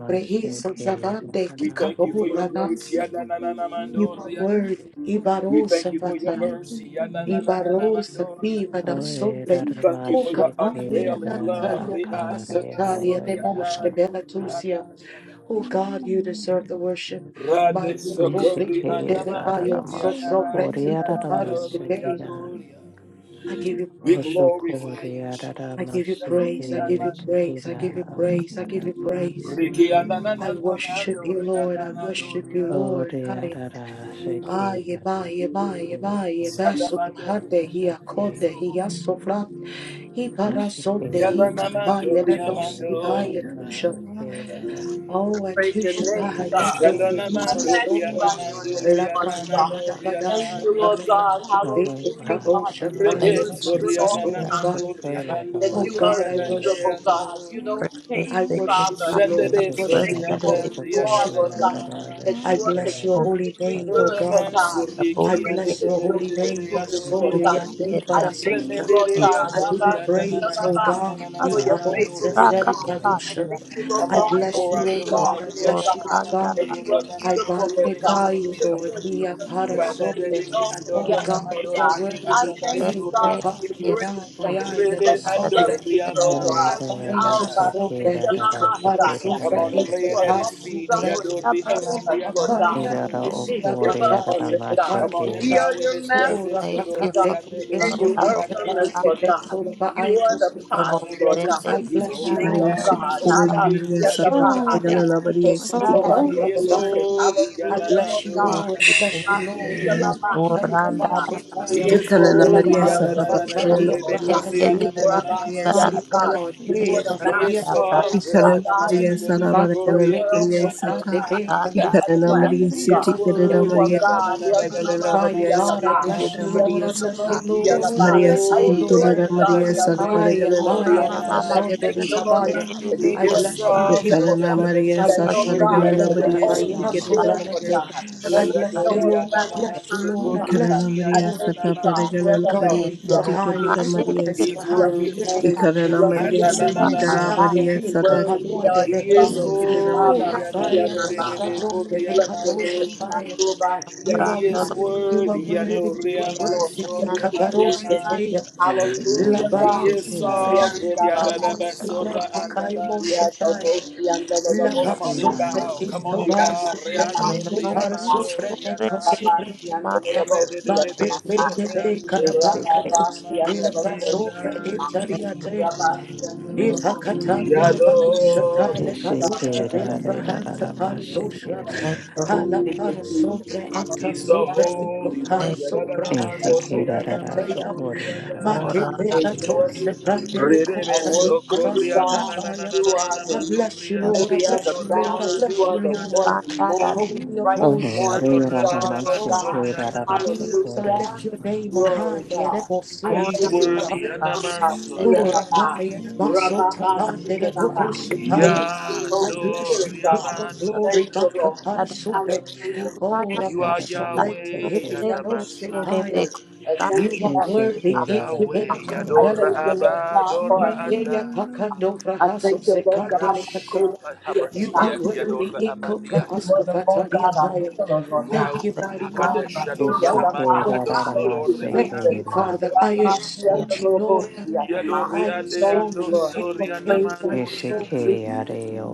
H: brehis of Savande,
A: We thank you for your
H: Kikabura,
A: grace.
H: that's
A: Ya na na na na
H: You are
A: mandoria.
H: worthy.
A: We
H: Ibaro,
A: thank you for your
H: Savite.
A: mercy. Ya na na na na na
H: Ibaro
A: mandoria.
H: Safiva da Sobre,
A: We thank you
H: O
A: for your
H: Capari
A: unfailing love.
H: Natalia
A: Re ande
H: Hasataria de
A: basoria na
H: Mosche
A: ya do re
H: Benatusia.
A: ana ya
H: O God, you deserve the worship. My
A: Rande
H: Utopri
A: sokori
H: de
A: anda
H: Hayo, so
A: mandoria na
H: sobre
A: mandia
H: ti
A: na na na no
H: Caparis
A: re
H: Gede.
A: andoria.
H: I give you
A: We
H: praise.
A: glorify you,
H: I
A: Jesus.
H: give you
A: Ya do
H: praise.
A: re
H: I give you
A: ana
H: praise. I give you praise. I give you praise.
A: Riki ya na
H: I
A: na na
H: worship you,
A: mandoria
H: Lord. I
A: na na
H: worship you,
A: doria.
H: Lord. I Ay, yeba, yeba, yeba, yeba,
A: Shada
H: so to have the here,
A: mandoria.
H: Ibarasonde
A: Yalamamando
H: hikapaya na nos
A: Riamando
H: ibaya tusha. Oh,
I: Praise your
H: atusha
I: name,
H: bahaya
I: God.
H: do
I: I'm
H: behima
A: Shalonamando
H: sonde.
I: magnifying you on
A: Rianamando
I: this
H: La
I: morning,
H: branda
I: God.
A: Riananano
H: bada bada
I: Thank you,
A: Rianando
I: Lord
H: shakala
A: Ria
I: God.
H: masu peke
I: Hallelujah,
E: Yes,
H: tabo
I: God, that you
E: Lord.
I: are
H: shakaya
E: Thank
I: good
H: na
E: you,
A: Rebenso
I: and good
E: Jesus.
I: all
H: masoto
D: you.
I: the
E: Glory
I: time.
E: to
A: Riananamando
H: abai.
E: God.
I: That
H: Oh
A: Riamando
I: you are
H: God, I
I: immutable,
H: worship you.
I: God. You know,
A: Rianando
D: Thank
E: Break this
I: change,
H: I worship
I: Father.
H: you, Lord.
A: Shandebe
I: We thank
E: Rest
H: Worship
I: you
H: you,
E: that
I: for
E: it
A: Sorianda
E: is
H: Lord.
I: who you
A: Riada
I: are,
H: Worship you,
I: Lord
H: Lord.
I: God.
A: Nananana
I: That
H: I
I: you are
H: bless your
E: over.
H: holy
I: consistently
H: name, O
I: good, Lord
H: God.
A: Ronaman
I: God.
E: The boat
H: I
A: Suriki
E: to
A: and
E: get
I: Great
H: bless your
I: is your
H: holy name, my
A: the
I: faithfulness,
H: soul,
I: Lord
E: to
I: God.
E: the
A: Riana
H: your
I: I
E: area.
I: thank
H: day,
I: you, Lord
E: Thank
I: God,
E: you.
H: I
A: Remediando
H: give you
I: Abba,
A: Rianda
I: Zia,
H: praise, oh
I: Abba,
H: God.
I: for
H: The
I: your
H: Abons
A: Nananana
H: that
I: faithfulness,
H: said it,
I: God. I
A: Riana
H: Babusha.
E: Astrakapatia.
I: thank you, Lord
A: Come
H: I
I: God,
A: on and
I: for
H: bless
A: pour
I: who
H: you,
A: out
H: oh
A: your
I: you
E: Hey,
I: are,
H: God.
A: love.
H: I
I: Lord
E: Lord,
A: Rianda
H: bless
I: God.
H: you, oh
A: Nananana
E: Branda.
H: God.
I: That you are
H: I
A: Ronaman
I: beautiful, Lord God.
H: magnify
A: Riando
H: you,
I: That
A: Riana
E: Thank
I: you
H: Lord.
E: you for the
H: Here,
I: are true
H: para
I: and
A: Rada
H: somne.
E: blood.
I: righteous
A: Dediki
I: all
H: Oh
A: Adora
I: together,
H: God,
I: Lord
H: you are
I: God.
A: Amandori
I: I
H: worthy.
I: thank you,
H: Hey,
I: God,
A: Adabasoriana
H: papa,
I: for your
E: Hallelujah,
H: yada,
I: grace, God.
E: Lord.
H: maya, yada,
I: That
A: Rede
I: you love
A: Ando
H: somne.
I: us, Lord
H: Oh,
A: Riamando
I: God.
H: rabbi, yada,
I: Oh, God,
A: Riadaba
I: speak
H: somne.
I: of our
H: Ika, para
A: Come
I: Messiah.
H: somne.
A: on
I: That
A: and lay
H: Ika,
I: you
A: it
I: are
A: at
I: long
H: para
A: his
H: somne.
A: feet.
I: suffering
A: Yadori
I: to care with
H: Oh,
A: amandi
I: us, Lord
H: papa,
I: God.
H: yada,
I: You
A: adanamando
H: moshi,
I: didn't give up
H: abatar,
I: on us,
H: sete,
I: God.
H: para
A: Come on and
I: We
H: somne.
I: are
A: bow in
I: your
A: his
H: Oh,
A: presence.
I: masterpiece,
H: rapaka,
A: Yadori
I: God,
H: degri,
A: amebe
I: and
H: esko,
I: you
A: kori
I: work
H: fante,
I: on us,
A: andamandi
H: paroske,
I: Lord God.
H: fento, raba,
I: You are the
H: aetos,
A: Come
H: raba.
I: potter,
A: on and
I: Lord
A: reverence
I: God.
A: him.
H: I
A: He's
I: We
H: bless you,
A: holy
I: thank
H: Lord.
I: you,
G: Maria
H: I
A: God.
G: Sita
H: bless
A: He's
I: God,
H: you,
A: holy
G: Karana
H: Lord.
I: Abba,
H: I
A: King.
G: Maria
I: Sia,
H: bless you,
G: Sita
A: Yadori
H: Lord.
I: Tapahaya,
A: amandi
I: for you
H: Soto,
I: are,
H: I,
G: Karana
I: Lord
A: He is
G: Maria Sita
H: rabbi,
I: Jesus.
A: holy.
H: I
I: Hallelujah, Lord
H: bless
A: Yadamando
H: you,
I: God.
E: Thank
H: Lord. I
E: you,
A: riamandi
E: King
H: bless you,
E: of
H: Lord.
I: Master,
H: Ia
E: Kings.
I: Baba, Sia,
H: mantalia
E: Oranda
I: Baba.
E: da basha.
H: basotaya.
A: He is
I: Creator,
G: Kanana
I: Lord
H: La
A: holy.
G: Maria
I: God, of
H: cara
I: the
G: Sata
I: whole world,
G: Paracalana
H: tatalia
I: Lord
A: Yadanananadebe
G: Maria
I: God.
H: kahara
A: kori
E: Enteli
H: supe.
G: Sitikana
I: Rabba,
G: Maria
I: Sia,
A: ananananamando
H: Mighty
E: kusundana
G: Satala
I: Baba.
H: God, hey,
G: Maria
I: Before the
A: He
G: Sata
H: fafaria
I: mountains
A: is
E: sekia
H: te
I: were born,
H: pahaso
A: sovereign.
I: Lord
E: brasa.
G: Ikanana
I: God,
H: fene.
I: and
G: Maria
I: you
D: you.
G: Sara
A: Yadananadebe
I: created
H: Bato
I: the
G: Paracalana
A: kori
I: world
H: prehi
A: andede
I: from
G: Maria
H: sofra de
G: Sata
H: hey,
I: everlasting to
E: Oranda
H: katusha de
G: Ikanana
D: Thank
G: Maria
I: everlasting,
A: He is
I: God.
H: la
E: basha.
G: Sitikana
I: You are
A: worthy,
G: Maria
I: God. You are the
G: Paracalana
I: mercy
H: Mighty
G: Maria
I: of the
H: God,
G: Sata
H: I
I: God.
H: bless
A: Adanadanadandanadananadoriana.
G: Kidana
H: you,
I: You are
H: Lord.
G: Maria
H: I
I: the
H: bless you,
G: Sata
I: mercy
A: He
I: of the
A: is
H: Lord. I
I: God.
G: Maria
H: bless
I: I
H: you,
E: Thank
A: holy,
E: you.
I: adore
G: Sitikana
I: you,
H: Lord.
I: God.
G: Maria
I: I
G: Sara
I: worship
H: Aya,
I: you,
G: Paracalana
I: Lord
E: Ora
I: God.
H: abaya
E: na
H: da
G: Maria
E: na ma
G: Sata
I: I
H: baso, de
I: thank
G: Kidana
H: di
I: you,
A: Adanadanadadadadadananadoriana.
E: shi
I: Lord
E: ke
G: Maria
I: God,
H: habaya.
E: de de
I: that
A: He
E: be
G: Siti
I: you
H: I
E: ke
I: are
A: is
I: the
H: bless you,
E: sa.
A: soft,
H: King
I: principal
H: of
G: Ikanana
I: God.
H: Kings.
G: Maria
H: I
I: That,
G: Sara
E: For your
I: Lord
H: worship you,
I: God,
E: great
I: that
G: Paracalana
A: Adanadanadadadadadananadoriana.
H: Lord.
I: you're
G: Maria
H: Arabaya,
I: always there,
G: Sitikana
E: band,
H: sobra,
I: Lord
H: ende.
I: God. That
H: I
G: Maria
I: you
E: ora
H: bless you,
G: Sata
I: show us
H: Lord.
A: Shadoriana
H: I
I: right on
E: ya
A: nanan,
H: bless you,
I: time,
H: Lord. I
E: ora.
A: Sukori
I: Father.
H: bless
G: Ikarana
H: you,
I: I
A: Igwiana
G: Maria
H: Lord.
I: thank
G: Sata
I: you,
A: nananaman.
I: God. You are
H: My
G: Paragala
I: the
H: God,
G: Maria
E: Thank
H: you
I: mercy
E: you,
H: were
I: of the
E: Lord.
H: highly
I: God.
G: Sitikada
E: Mande de
G: Maria
H: exalted.
E: be
H: You
A: He's
H: were
G: Sata
I: Bless
A: worthy,
H: highly
I: your
H: lifted.
E: kusala
I: name.
A: He's
G: Ikarana
A: worthy,
H: I
I: Bless
G: Maria
H: hear
I: your
H: them
I: name,
E: ba
H: all.
G: Sida
H: Siam
E: ala
I: Jesus.
A: Adanadanadanaman.
G: Maria
H: behel,
E: se
G: Sata
I: Worthy
E: fleke
H: kapalon
E: te
H: de
I: are
A: He
I: you,
A: is
I: God.
H: behel.
E: iga.
G: Sitikada
A: holy,
I: Abba,
G: Maria Sata
I: fear
H: Urabaya,
I: my
H: the
I: mind.
H: sabron de
I: Bless your
H: vekato
I: name,
A: Adanadanadadadadadananadoriana.
I: my full body,
E: Mando
I: and
H: you are
A: He
E: brando
I: my
A: is
E: do
H: worthy,
E: kuske
H: you are
A: worthy,
E: de
H: worthy, you are
E: de
A: Yandoria
I: praise the Lord.
H: worthy.
I: I
E: kusana na
A: Mansore
I: Thank you,
H: Ikabaros
D: you.
E: na
A: Andaman.
H: keteya,
I: Jesus.
E: se
D: Thank
I: Hallelujah,
A: He
I: God.
H: labarata
A: is
I: We are
H: arasu,
A: sovereign,
I: the Lord,
H: atu
I: we are the
A: Yadalabasora
H: surate
I: Lord.
H: kaya
A: Andaman.
I: We are the Lord,
H: moshatai,
I: we are the Lord.
A: Come on and
H: labaso pre
A: bow, come on
H: into
I: We
A: and
E: oka.
I: are the
A: bow,
I: Lord,
H: barso
I: we are
H: pre
E: Alena
I: the
H: into
A: Reandoria
E: nombro
I: Lord.
H: barso pre
A: Mandoria
E: sobre
H: neko
E: ke
A: Nanda.
I: Rabasi
H: suprete.
I: and the
E: manda
I: Robosi and the
E: sa.
H: Bate
A: Rededebe
H: prete
I: Makaya.
H: be
A: Sorandia
H: karabaka
A: Noria
I: Rabasi and the
H: tuskatila
A: Namandoria
H: braso
I: Robosi and the Makaya.
E: Thank you,
H: itariate.
E: Lord.
I: Rabasi and the
H: If I
I: Robosi
H: cut
I: and
H: out
I: the
H: the Bakusha Tile
A: Yadoria
I: Makaya.
H: Padushka de
A: Manda.
H: la Brahanta
I: Thank you,
E: Thank you,
I: Lord.
E: Lord.
H: Hala
I: Thank you,
H: para
I: Jesus.
H: sobre eta
A: He's the
I: Hallelujah.
H: sobre eco
A: Holy
H: para
A: One.
E: Thank
I: Praise
E: you.
H: sobra
I: you.
H: ata
A: Yadadanamandoria
H: sobre eta ya
A: Namandoria
H: ma que
E: Ora
A: Nanda.
I: I
E: na ba
H: pena
I: adore you,
H: tose prande me
I: Jesus.
A: Rebe
I: I
H: conta li
I: worship you,
H: paraska
A: socorria na
I: God.
A: na na na
H: pataya.
A: na
I: You
A: na na na
I: are
H: I
I: the
H: bless you,
A: mandoria
E: ke lo.
H: Lord. I
I: lily
A: libia
I: of
H: bless
I: the
H: you,
A: doria
H: Lord. I
I: valley. You
H: bless you,
I: are the
A: mandoria da
E: Da
H: Lord.
I: voice of
E: da da
I: morning,
H: Holy of
I: bright the
H: holies, I
I: morning
A: shado
H: worship and
I: star,
A: rebanda
I: Lord
H: exalt you.
I: God.
A: basoria na manda
H: Yes, I
I: Hallelujah.
H: lift your name on
I: Glory,
H: high and
I: God.
H: it will see
I: I
H: I
E: da.
A: He's
I: thank
H: take
I: you, God.
A: worthy
H: higher.
A: and a
E: basundele
A: masoda
I: Ambasiyababa,
H: Murapaya, Basota,
E: kuprasas
H: Pandele,
I: rababasikababa.
H: Boko,
I: For
H: Shipaya.
I: your sweet
A: ya
H: I
I: Holy
H: bless
I: Spirit,
H: you,
A: doria
H: King
I: God.
H: of glory,
I: Thank
A: mandoria
I: you,
A: da
H: Maka,
I: Lord.
E: kadadava
H: Parasube.
I: Hallelujah.
H: Oh,
E: surana
A: You are
H: Rapasolete,
E: adato
A: Yahweh and a
E: seferere
I: Master.
H: Hibianosipaya,
A: masoria
I: I thank
H: you
I: you,
H: are
E: vekustana
I: Lord.
H: worthy,
E: Ah,
H: Ikimena
A: Yahweh
I: I thank you,
A: yadora
H: Condelatuska,
I: Lord God, for I
A: abadora
H: you
I: thank you,
H: Eya
A: andai
I: Lord God.
H: Pacando
I: I
H: Frahaso
I: thank you, Lord God, my
H: Secandelicata,
I: cool
A: Yeshua
I: Lord
H: you are
I: God.
A: Hamashiach
H: worthy,
A: yadora
H: Eko
I: If you
A: amandiada
I: were the Lord
H: Fraascofatalia
I: God, I
H: Paya.
I: heal, oh Lord God.
H: Thank
A: Rau
H: you,
E: thank
H: mighty
E: you
I: Ah,
H: God, thank you,
I: yes,
A: Hakadeshador
H: Holy
I: oh
A: Amandi
I: God.
H: Holy.
I: Thank
A: Adosodor
I: you,
H: Thank
A: Anna
I: Jesus.
H: you, Father. I
I: Rama, yes,
E: yeah,
I: the
H: exalt you,
I: Lord, Lord,
H: Lord.
I: yes, Ma.
A: Yadori
H: I
D: you.
A: Ande
I: Thank you,
H: exalt you,
I: Lord.
H: King of
I: Praise
H: Kings. I
I: you,
H: exalt
I: Lord.
H: you.
A: Andosorianamanoriana.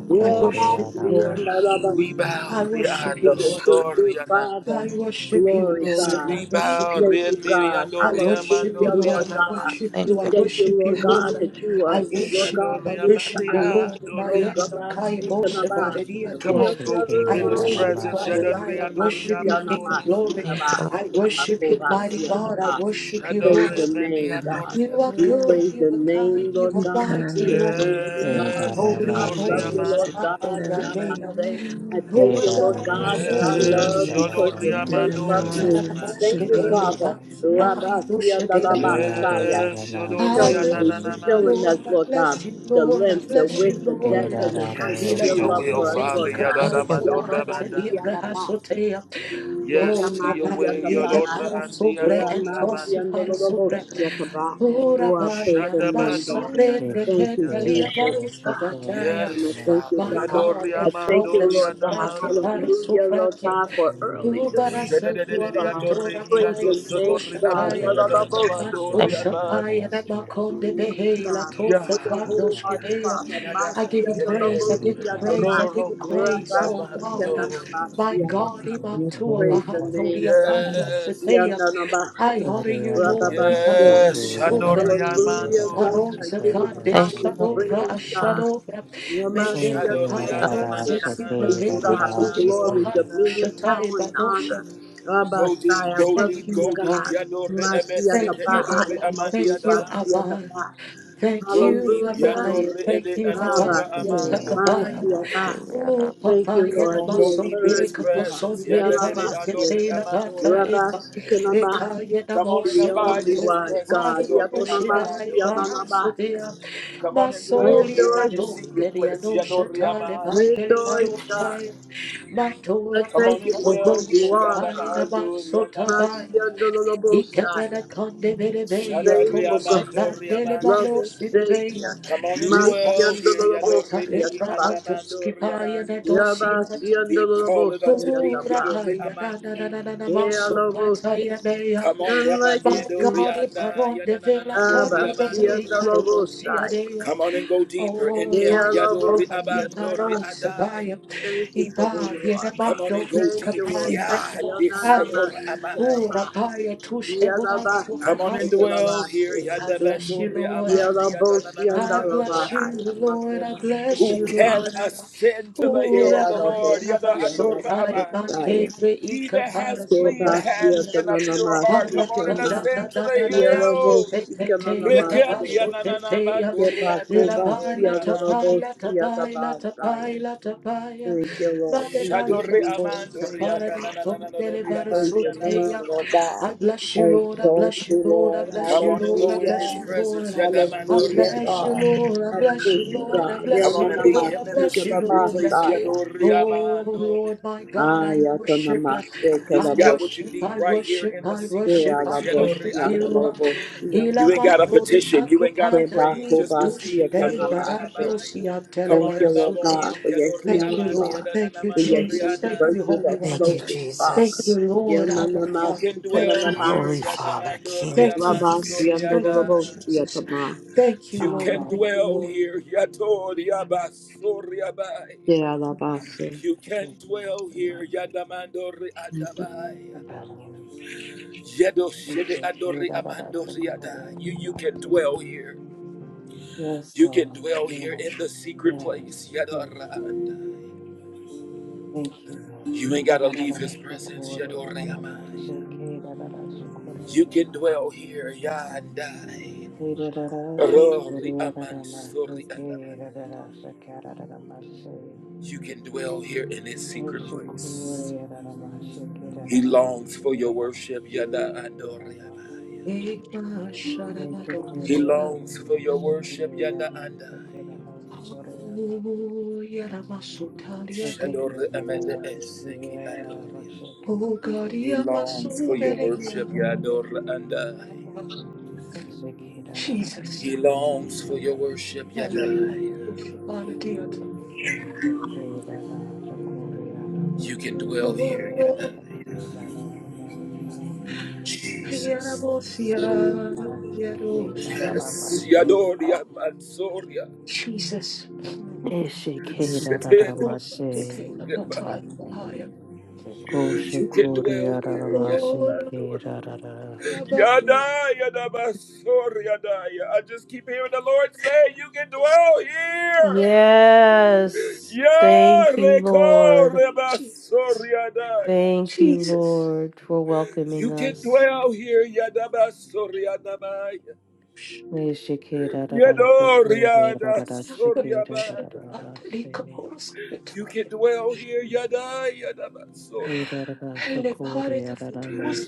I: Yeah,
H: I
I: I the
H: worship you,
I: you,
H: Lord.
I: Lord.
A: We bow
H: I worship you,
I: What a
H: Lord.
I: good, good
A: Riandosoriana.
I: Father.
H: I worship you,
I: Glory,
H: Lord,
G: Yes
I: God.
H: I
A: We
I: We
H: worship
A: bow
H: you.
I: thank you, God.
H: I worship you,
I: Hallelujah,
H: Lord.
I: Lord
H: I
I: God.
H: worship
E: thank
I: We
H: you. I
A: Riandoriamandorianamandiana.
E: you
I: thank you,
H: worship you,
I: Lord God,
H: Lord.
I: that you
H: I
I: are, Lord
H: worship you.
I: God,
H: I
I: with
H: worship you,
I: us.
A: Shadoriamandia
H: Lord.
I: No
A: Doria.
I: God,
G: Ikarana
H: Bayendo
I: I
H: kai
I: speak to
G: Maria
I: my
H: bose
G: Sata
I: mind.
H: baredia
G: Paragala
A: Come
I: We
H: toa.
I: are
A: on, go
I: never
A: deep
H: I
A: in his
I: alone,
H: worship you,
I: God.
A: presence.
I: We
H: Adonai.
I: are
H: I
I: not alone.
H: worship
I: We
H: you,
I: are not
H: King of
A: Yadoriandoriamandoriana.
H: glory.
E: thank you
H: I worship you,
I: alone.
H: mighty
I: We are not
H: God. I
I: alone
H: worship you,
G: Wow
I: praise
H: Lord.
I: your name,
G: Yama
I: God.
H: You
A: Shadoriamandiandoriana.
H: are
I: We
H: good.
I: praise
H: You
I: your
H: are kind.
I: name,
H: You
I: Lord
H: are
I: God.
H: mighty,
G: Ikarana
I: We adore
H: Lord.
G: Maria
I: you,
G: Sata
I: God.
A: Yes,
H: Holy
I: I
H: of
G: Paragala
I: love you,
G: Maria
H: holies.
I: Lord
A: Shadoriamandia.
H: Holy
I: God.
H: of
I: Now
G: Sitikada
I: I
H: days.
G: Maria Sata
I: say, I thank
H: Oh
I: you, Lord
H: God, you
I: God,
H: are
I: that I
H: worthy.
G: Ikarana
A: Yes,
I: love
G: Maria
I: because you
A: Yodoria
H: Worthy.
G: Sitikada
I: first loved
A: Mandoria
H: Ia
I: me.
H: na
G: Maria
A: Namania.
I: Thank
H: moske
I: you,
H: de
G: Sitikada
H: la
I: Father.
H: bansu
I: Rabbi
H: prahai dusha de la
I: Messiah,
A: Yes,
H: I
E: thank
A: Yodoria
I: showing me
H: bless
I: for
A: Nanana
H: you,
I: showing us,
H: Lord.
A: Mandoria.
H: I
I: Lord God,
H: bless you,
I: the
H: Lord. I
I: length, the
H: bless you,
I: width, the depth,
H: Lord.
I: and the height
A: Yes
I: of
A: to
H: Ila
I: your
A: your
I: love
A: will,
I: for us,
H: prasande
A: Father
I: Lord
H: ika
I: God.
E: thank
A: Yadada
E: you
H: paraso
A: Mandora
H: bahata
A: Bada.
H: liya
I: Yadabasiyadaba.
H: brahasoteya.
I: Sheka
A: Yes
H: Oh,
A: to your
I: Masia
H: Rabbi,
A: way,
H: yete
A: Yodora
I: Kapahaya.
A: and the
H: parasubre and
A: Adoria
I: Ramasia
H: tosi
A: Amanda.
I: and the Lord of
H: parasubre.
I: Oshia Kaba.
H: Oh,
I: Oh, I
H: Rabbi,
I: praise the
H: Yaraba
I: name, God.
H: brende
I: Thank
H: neke
I: you,
A: Shadabadoriana.
H: nelia
I: Jesus
H: baruska vataya.
I: name. I
A: Yes,
I: thank you,
A: Father
H: My
I: God.
H: God,
A: Yadoria
I: I
H: and from
I: thank
H: the
I: you, Lord
A: Mandoria
I: God.
H: sufrate
A: Namando.
I: Hallelujah, Lord
H: parasufrate.
I: God, for early do we
H: Ubarasa
I: seek you, God.
H: kuamadora
A: Shadadadadadadadori,
I: Praise
A: Yado
I: your
H: pai
I: name,
A: Sotori
I: God.
H: nakoshataya.
A: Amandia
I: Yalalabosa.
E: thank
A: Danamandoria
E: you
I: We
H: Matoshakaya
A: Mandia.
I: seek you with our
H: Namakonde
I: whole heart,
H: Behe
I: God.
H: Latosa
I: With our
A: Yeah.
I: whole heart,
H: Frandoshkedeya.
I: Father.
A: Yada
H: I
I: Masia
H: give you praise, I
A: Yeredo
H: give you
I: yalalabosia
H: praise,
I: na
H: I give
A: Roro
H: you praise,
A: Koriga
H: oh
I: Rabasika
H: God.
A: Mandoria.
H: My
I: nanamasia
H: God,
I: daba.
F: yes,
H: Imatua
F: Lord.
I: Praise your name,
H: Bahatolia
I: God.
H: Pando
F: Hallelujah.
A: Yes,
I: Ya na
A: Father.
I: na.
H: I honor you, Lord.
I: Yananaba. say
A: yes,
H: Ipatanzu Zufra,
A: Shandoria
I: Hallelujah, God.
H: Aron
I: I give
A: Mandoria.
I: you the
H: Sefande
E: thank you
I: highest
E: thank
H: Shadopra
I: praise,
E: you
I: God.
H: Ashadopra, Mendela Paya
A: Shadoriana
H: no
A: na na
I: Ramashandarabahaya.
A: na na
E: um,
H: Cecilia
I: To you, God,
A: Mandoria
I: be
H: Brintolia
I: glory,
H: Bahando
I: dominion,
A: Mandoriana.
H: Shatai
I: power, and
H: Banosha.
I: honor.
A: Go deep,
I: Rabasaya,
A: go
H: Thank
I: reverend
A: deep,
H: you,
I: you,
A: go deep,
I: God.
H: Rabbi.
A: Yadore Ebesete
H: Thank you,
A: Adore
I: Masiatabahaya,
H: Abba.
A: Amandia
H: Thank you, Abba.
I: Mokubasiatabah.
H: Thank
A: Go
H: you,
A: deep,
I: Hallelujah.
H: Abaya.
A: Yadore
H: Thank
A: Ede
H: you,
A: Andorra
H: Abaya.
I: Rabase,
H: Takabaya.
A: Amandoriana.
I: Masiabah.
H: Oh,
I: Thank you,
H: Papaya,
A: Come
H: the
I: Lord.
A: on,
I: You
A: go
I: are
H: Mason,
A: deep in his
H: Tilica,
I: worthy, God.
H: Mason,
A: presence. Yadore
H: Tiliparo,
A: Andore
I: Nialamasi,
H: Tila, Bata, Eka,
A: Amandoriana.
I: Rabasikanamah.
H: Eka, Yena,
A: Come on and
I: The
H: Mose,
A: abide
I: only
A: in
H: Pato,
A: His
I: wise
A: presence.
I: God.
H: Shibari, no
A: Yadore
I: Yatonamasi,
H: Shidai,
A: andamandori
H: Bahanso, dear,
I: Ananamasi.
A: amanda. Come on and
I: I
A: dwell
H: Masolia,
A: here
I: adore
A: in
I: you,
A: His
H: Nado,
A: secret
H: Keria,
I: Jesus.
A: place.
H: no
A: Yadore
H: Shatale,
A: amanda.
I: I
H: Batele,
I: adore you, God.
H: Baroshai,
I: I
H: Matola,
A: Come on
I: thank you
A: and
H: Pata,
I: for who
A: dwell here.
I: you are,
H: Baroshatai, and
I: God.
A: Yadadadori
H: Abasota, Baya.
A: andamandori amanda.
I: Masiyandololobosaya.
H: Ikebele kande bele beya
A: Shandari
I: Faithful
H: tose
I: God,
A: amandori
H: brandele
A: amandi.
H: baro
I: loving
A: anai.
I: Savior.
A: Come on and dwell here.
H: Liparosopata
A: Yadore eki
H: lepra
I: Masiyandololobosiyandaba.
A: andamandori
H: antoskipaya da
A: amanda.
H: dosiata.
A: Deep calleth unto deep.
H: Pura
I: Yabasiyandololobosiyandaba.
A: Yadore
H: paya da da da da
A: amanda.
H: da da basopata
I: Yalobose.
H: ya deya.
A: Come on,
I: None like you,
H: My
A: Ramandi,
H: God,
I: Jesus.
A: Dorianda,
H: iparon de vela ta
A: Yadananando,
H: de
A: Riamando,
H: behe
A: Ria.
H: karosia
I: Abasiyandololobosaya.
H: deya.
A: Come on and go deeper in him.
H: Almighty
A: Yadori
H: God,
I: Yalobosiyandaba.
A: abandori
H: iparon
A: adai.
H: sabaya.
I: Thank you for who
H: Iba
I: you
H: yene
I: are,
A: Come
I: God.
A: on
H: mando
A: and go
I: Thank
A: deep.
I: you, Lord
H: hikapaya da
I: God.
H: tohaya.
A: Yadisotor amai.
H: Pura
I: Yananamasiyandaba.
H: paya tush
I: Yellow
H: ebonanto
A: Come on and
H: rahaske.
A: dwell here.
H: I bless you,
A: Yadabazori
H: Lord.
A: amandi
H: I
A: yadanananananori
H: bless you,
A: adai.
H: Lord. I bless
A: Who
H: you,
A: can
H: Lord.
A: ascend to the
H: Oh,
A: hill of the Lord?
H: Rabaya,
A: Yada andora
H: Rabasotaya,
A: abai.
H: Bante,
A: He
H: Reika,
A: that
H: Para,
A: has clean hands
H: Sopratia,
A: and a pure heart, come on and
H: Harata, da, da,
A: ascend to
H: da, da,
A: the
H: da, da, te,
A: hill.
H: te, te, te, ya, Rabaso, te, te, ya,
I: Kebako basia
H: Labana, Tapaya,
A: Rekandianananamandoriandamandoriamandoriada.
I: norobosia da
H: Tapaya,
I: basaya.
H: Tapaya, Tapaya,
I: Thank you, Lord. Thank you,
H: Madebaya,
A: Shadori
H: Lako,
I: Jesus.
A: Amandori
I: Thank you,
H: Safaradi,
I: Father.
H: Tom,
I: I
A: Adananananadori
I: praise
A: Amandi
I: your name,
H: Delebara,
I: Lord
A: Anamandori.
I: God.
H: I bless you,
I: I
H: Lord. I
I: exalt
H: bless you,
I: you,
H: Lord. I
I: Lord.
H: bless
A: Come
H: you,
A: on and
H: Lord. I
A: go in
H: bless
A: his
I: Hallelujah.
H: you, Lord.
A: presence.
H: I
A: Yadamandori
I: Hallelujah,
H: bless you,
I: God.
H: Lord. I
I: I
H: bless you,
I: praise you,
H: Lord. I
I: God. Yeah,
A: Come
H: bless
A: on
I: no,
H: you,
A: and
I: no,
A: meet
I: no.
H: Lord. I
A: him in
I: Seek
A: the
H: bless
I: you,
H: you,
I: the
A: secret
H: Lord.
A: place.
I: Messiah.
A: Yadori
H: Oh,
A: Amandori.
H: Lord, my God,
I: Ah,
H: I
I: yeah, to no,
H: worship.
I: no. Seek you,
A: He's
H: I
I: the
A: got
I: Lord.
A: what you
H: worship,
A: need
H: I
A: right here
H: worship,
A: in the
H: I
A: secret
H: worship,
I: Yeah,
H: I
A: place.
I: the Lord.
A: Yadori
H: worship
I: Yeah, the
A: Amandori.
H: you.
I: Lord. Yeah, the
A: You
I: Lord.
A: ain't got a
H: Ilamantori
A: petition. You ain't got to
I: Yeah, the
H: akupana
I: Lord. Yeah,
A: pray.
H: niya
A: Just
I: the Lord. Yeah,
A: receive.
H: doshidei
A: Yadori
I: the Lord.
A: Amandori.
H: barandosi
A: Come
I: Thank
A: on
I: you,
A: and
I: Lord
A: love on
H: antelebarasute.
I: God,
A: him.
I: for your
A: Yadori
H: Thank
I: healing,
H: you,
A: Amandi
H: Lord.
I: God,
H: Thank you,
I: for your
A: Adananamandori
I: healing
H: Jesus. Thank you,
A: Adana.
I: virtue
H: Holy
I: that
H: One.
I: flows with Father.
H: Thank you, Lord, our
A: You
H: Father.
A: can
I: Yamanamasi,
H: Thank
A: dwell
H: you,
I: Kananama,
A: here,
H: Jesus.
A: Yanamando
H: Thank you,
A: Riaman
I: Rabasi,
H: Jesus.
I: and the
H: Thank you,
A: Soriandai.
I: Rabosi,
H: Jesus.
I: Atama,
H: Thank you,
A: You
H: Lord.
A: can
H: Thank you,
A: dwell
H: Lord.
A: here, Yatoriaba Soriabai.
I: Dealabasi.
A: You can dwell here, Yadamando
I: Thank
A: Riadabai. Yedo Shede Adori Amando Riadai. You you can dwell here. You can dwell here in the secret place, Yadorandai. You ain't gotta leave his presence, Yadoriamai. You can dwell here, Yandai. Rory Aman Sori Anamaniada. You can dwell here in his secret place. He longs for your worship, Yada Adore Amaya. He
H: Ekasharabadosia.
A: longs for your worship, Yada Andai.
H: Oh, yaramasotariade.
A: Shadore Amada Eseki Adore.
H: Oh, God,
A: He longs for your
H: yamasovereya.
A: worship, Yadore Andai.
H: Jesus.
A: He longs for your worship, yada.
H: Ayamakoshibaladiata.
A: You can dwell here,
H: Oh,
A: Yadai. Jesus.
H: yaramosia, yarosha.
A: Yes, Yadore
H: Ah,
A: Aman Soria.
H: Jesus. Yaramosiketela bataya
A: You
H: bahaya.
A: can dwell here. Yada,
H: Oh, yeah, but- yeah.
A: yada, basur, yada. ya. I just keep hearing the Lord say, You can dwell
H: Oh,
A: here.
H: Jesus,
A: Ya, reko, rebasur,
H: Jesus,
A: yada. ya.
H: Jesus.
A: You can dwell here. Yada, basur, yada, baya. Yado, riada, sur,
H: Levatur
A: yaba. You can dwell here. Yada, yada,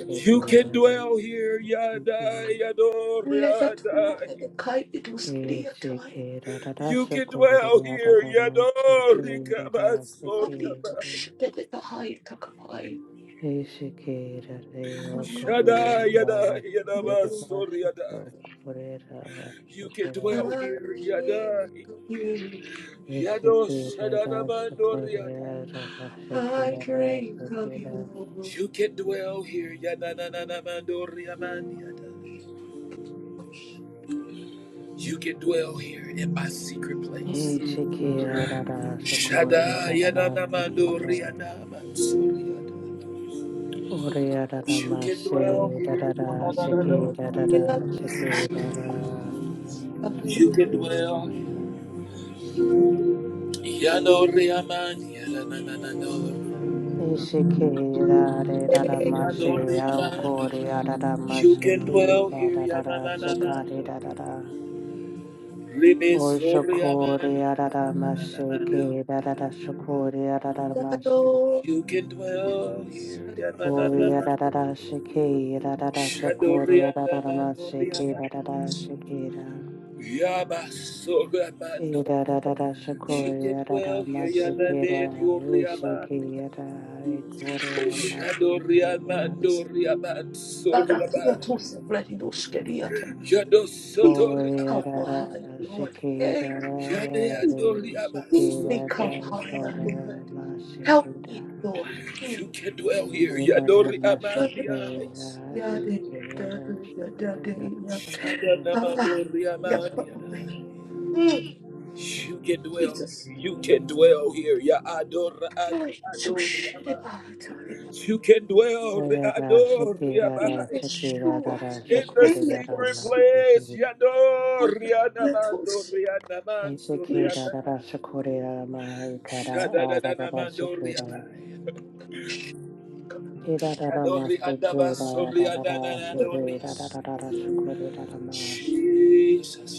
A: You can dwell here, Yada Yador Yada.
H: and the kite it was clear time.
A: You can dwell here, Yador Rikabasor
H: Body to
A: Yada.
H: shit at the high takapai. I
A: Shada Yada
H: do,
A: Yadabasor Yada. You can dwell
H: I
A: here,
H: think
A: Yada
H: of you.
A: Yado Shadanamador Yada.
H: I drink of you.
A: You can dwell here, Yada Nanamador Yada. You can dwell here in my secret place. Shada Yada Namador Yada Mansor Yada. You can dwell here. No, no, no, no. You can dwell. Yadoriaman. Yadanananano. Yadoriaman. You can dwell here. Yada, na na na no. Rebe so Riaman. Yada, na na. na na Yadananananano. You can dwell here. Yada, na na
H: Baba,
A: na Yadanananan. Shadoriadananoriaman. Yabasoraman. You can dwell here. Yada, na Yadanananoriaman. Shadoria Mandoria Mansoria
H: you are too
A: Man.
H: separate in those skeleton.
A: Shadow
H: People
A: Sotoria
H: come higher, Lord. Hey,
A: Shadea
H: people,
A: Doria
H: people come
A: Mansoko.
H: higher, Lord. Help me, Lord. Hmm.
A: You can dwell here.
H: Help me,
A: Yadoria
H: Lord, in
A: Mandia.
H: those- yeah, they- yeah, they- yeah, they- yeah, they- yeah. Ah,
A: Shadanamandoria
H: yeah, probably.
A: Mandia.
H: Mm,
A: You can dwell
H: Jesus.
A: here. You can dwell here. Ya Adora
H: Lord, I'm so
A: Adoria
H: shitty
A: Man.
H: about it.
A: You can dwell Adoria Man.
H: Yeshua,
A: In the secret
H: Yedeyatosi,
A: place.
H: Ada
A: Yadoria
H: Yatosi,
A: Namandoria
H: Yesh,
A: Namansoria Jesus,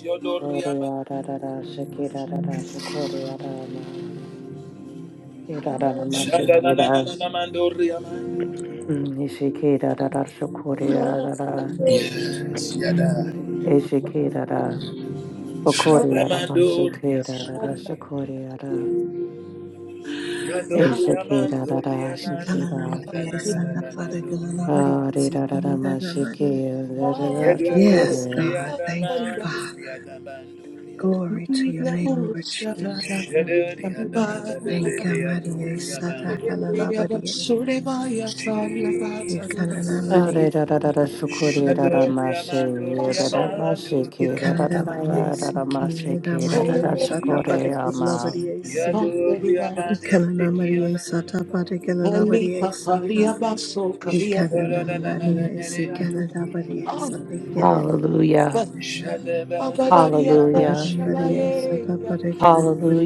A: Yodoriaba. Shadadadadadamandoriaba. Yes, Yada.
G: Ikarana Maria Sata Paragala Maria Sitikada Maria Yes, God. Thank you, Father.
A: Shadamandoriaba.
G: Glory to your name, Lord Jesus. Thank you, Maria. Sata kalalabadiya.
A: Jesus,
G: Ikanana Maria. Sata kalalabadiya.
A: Shadoriamando, Riamando,
G: Ikanada Maria. Siki. Ida Maria. Sata kalalabadiya.
A: Yadoriamande,
G: Ikanana Maria.
A: Sikianana,
G: Sata kalalabadiya. Sata. Ikanana
A: Shadorana,
G: Maria. Sikanada Maria. Sata ikere. Sata.
H: Abadaria
A: Shadabandoriana,
G: Ikanana Maria.
A: Yana,
H: Poshabaye,
G: Sata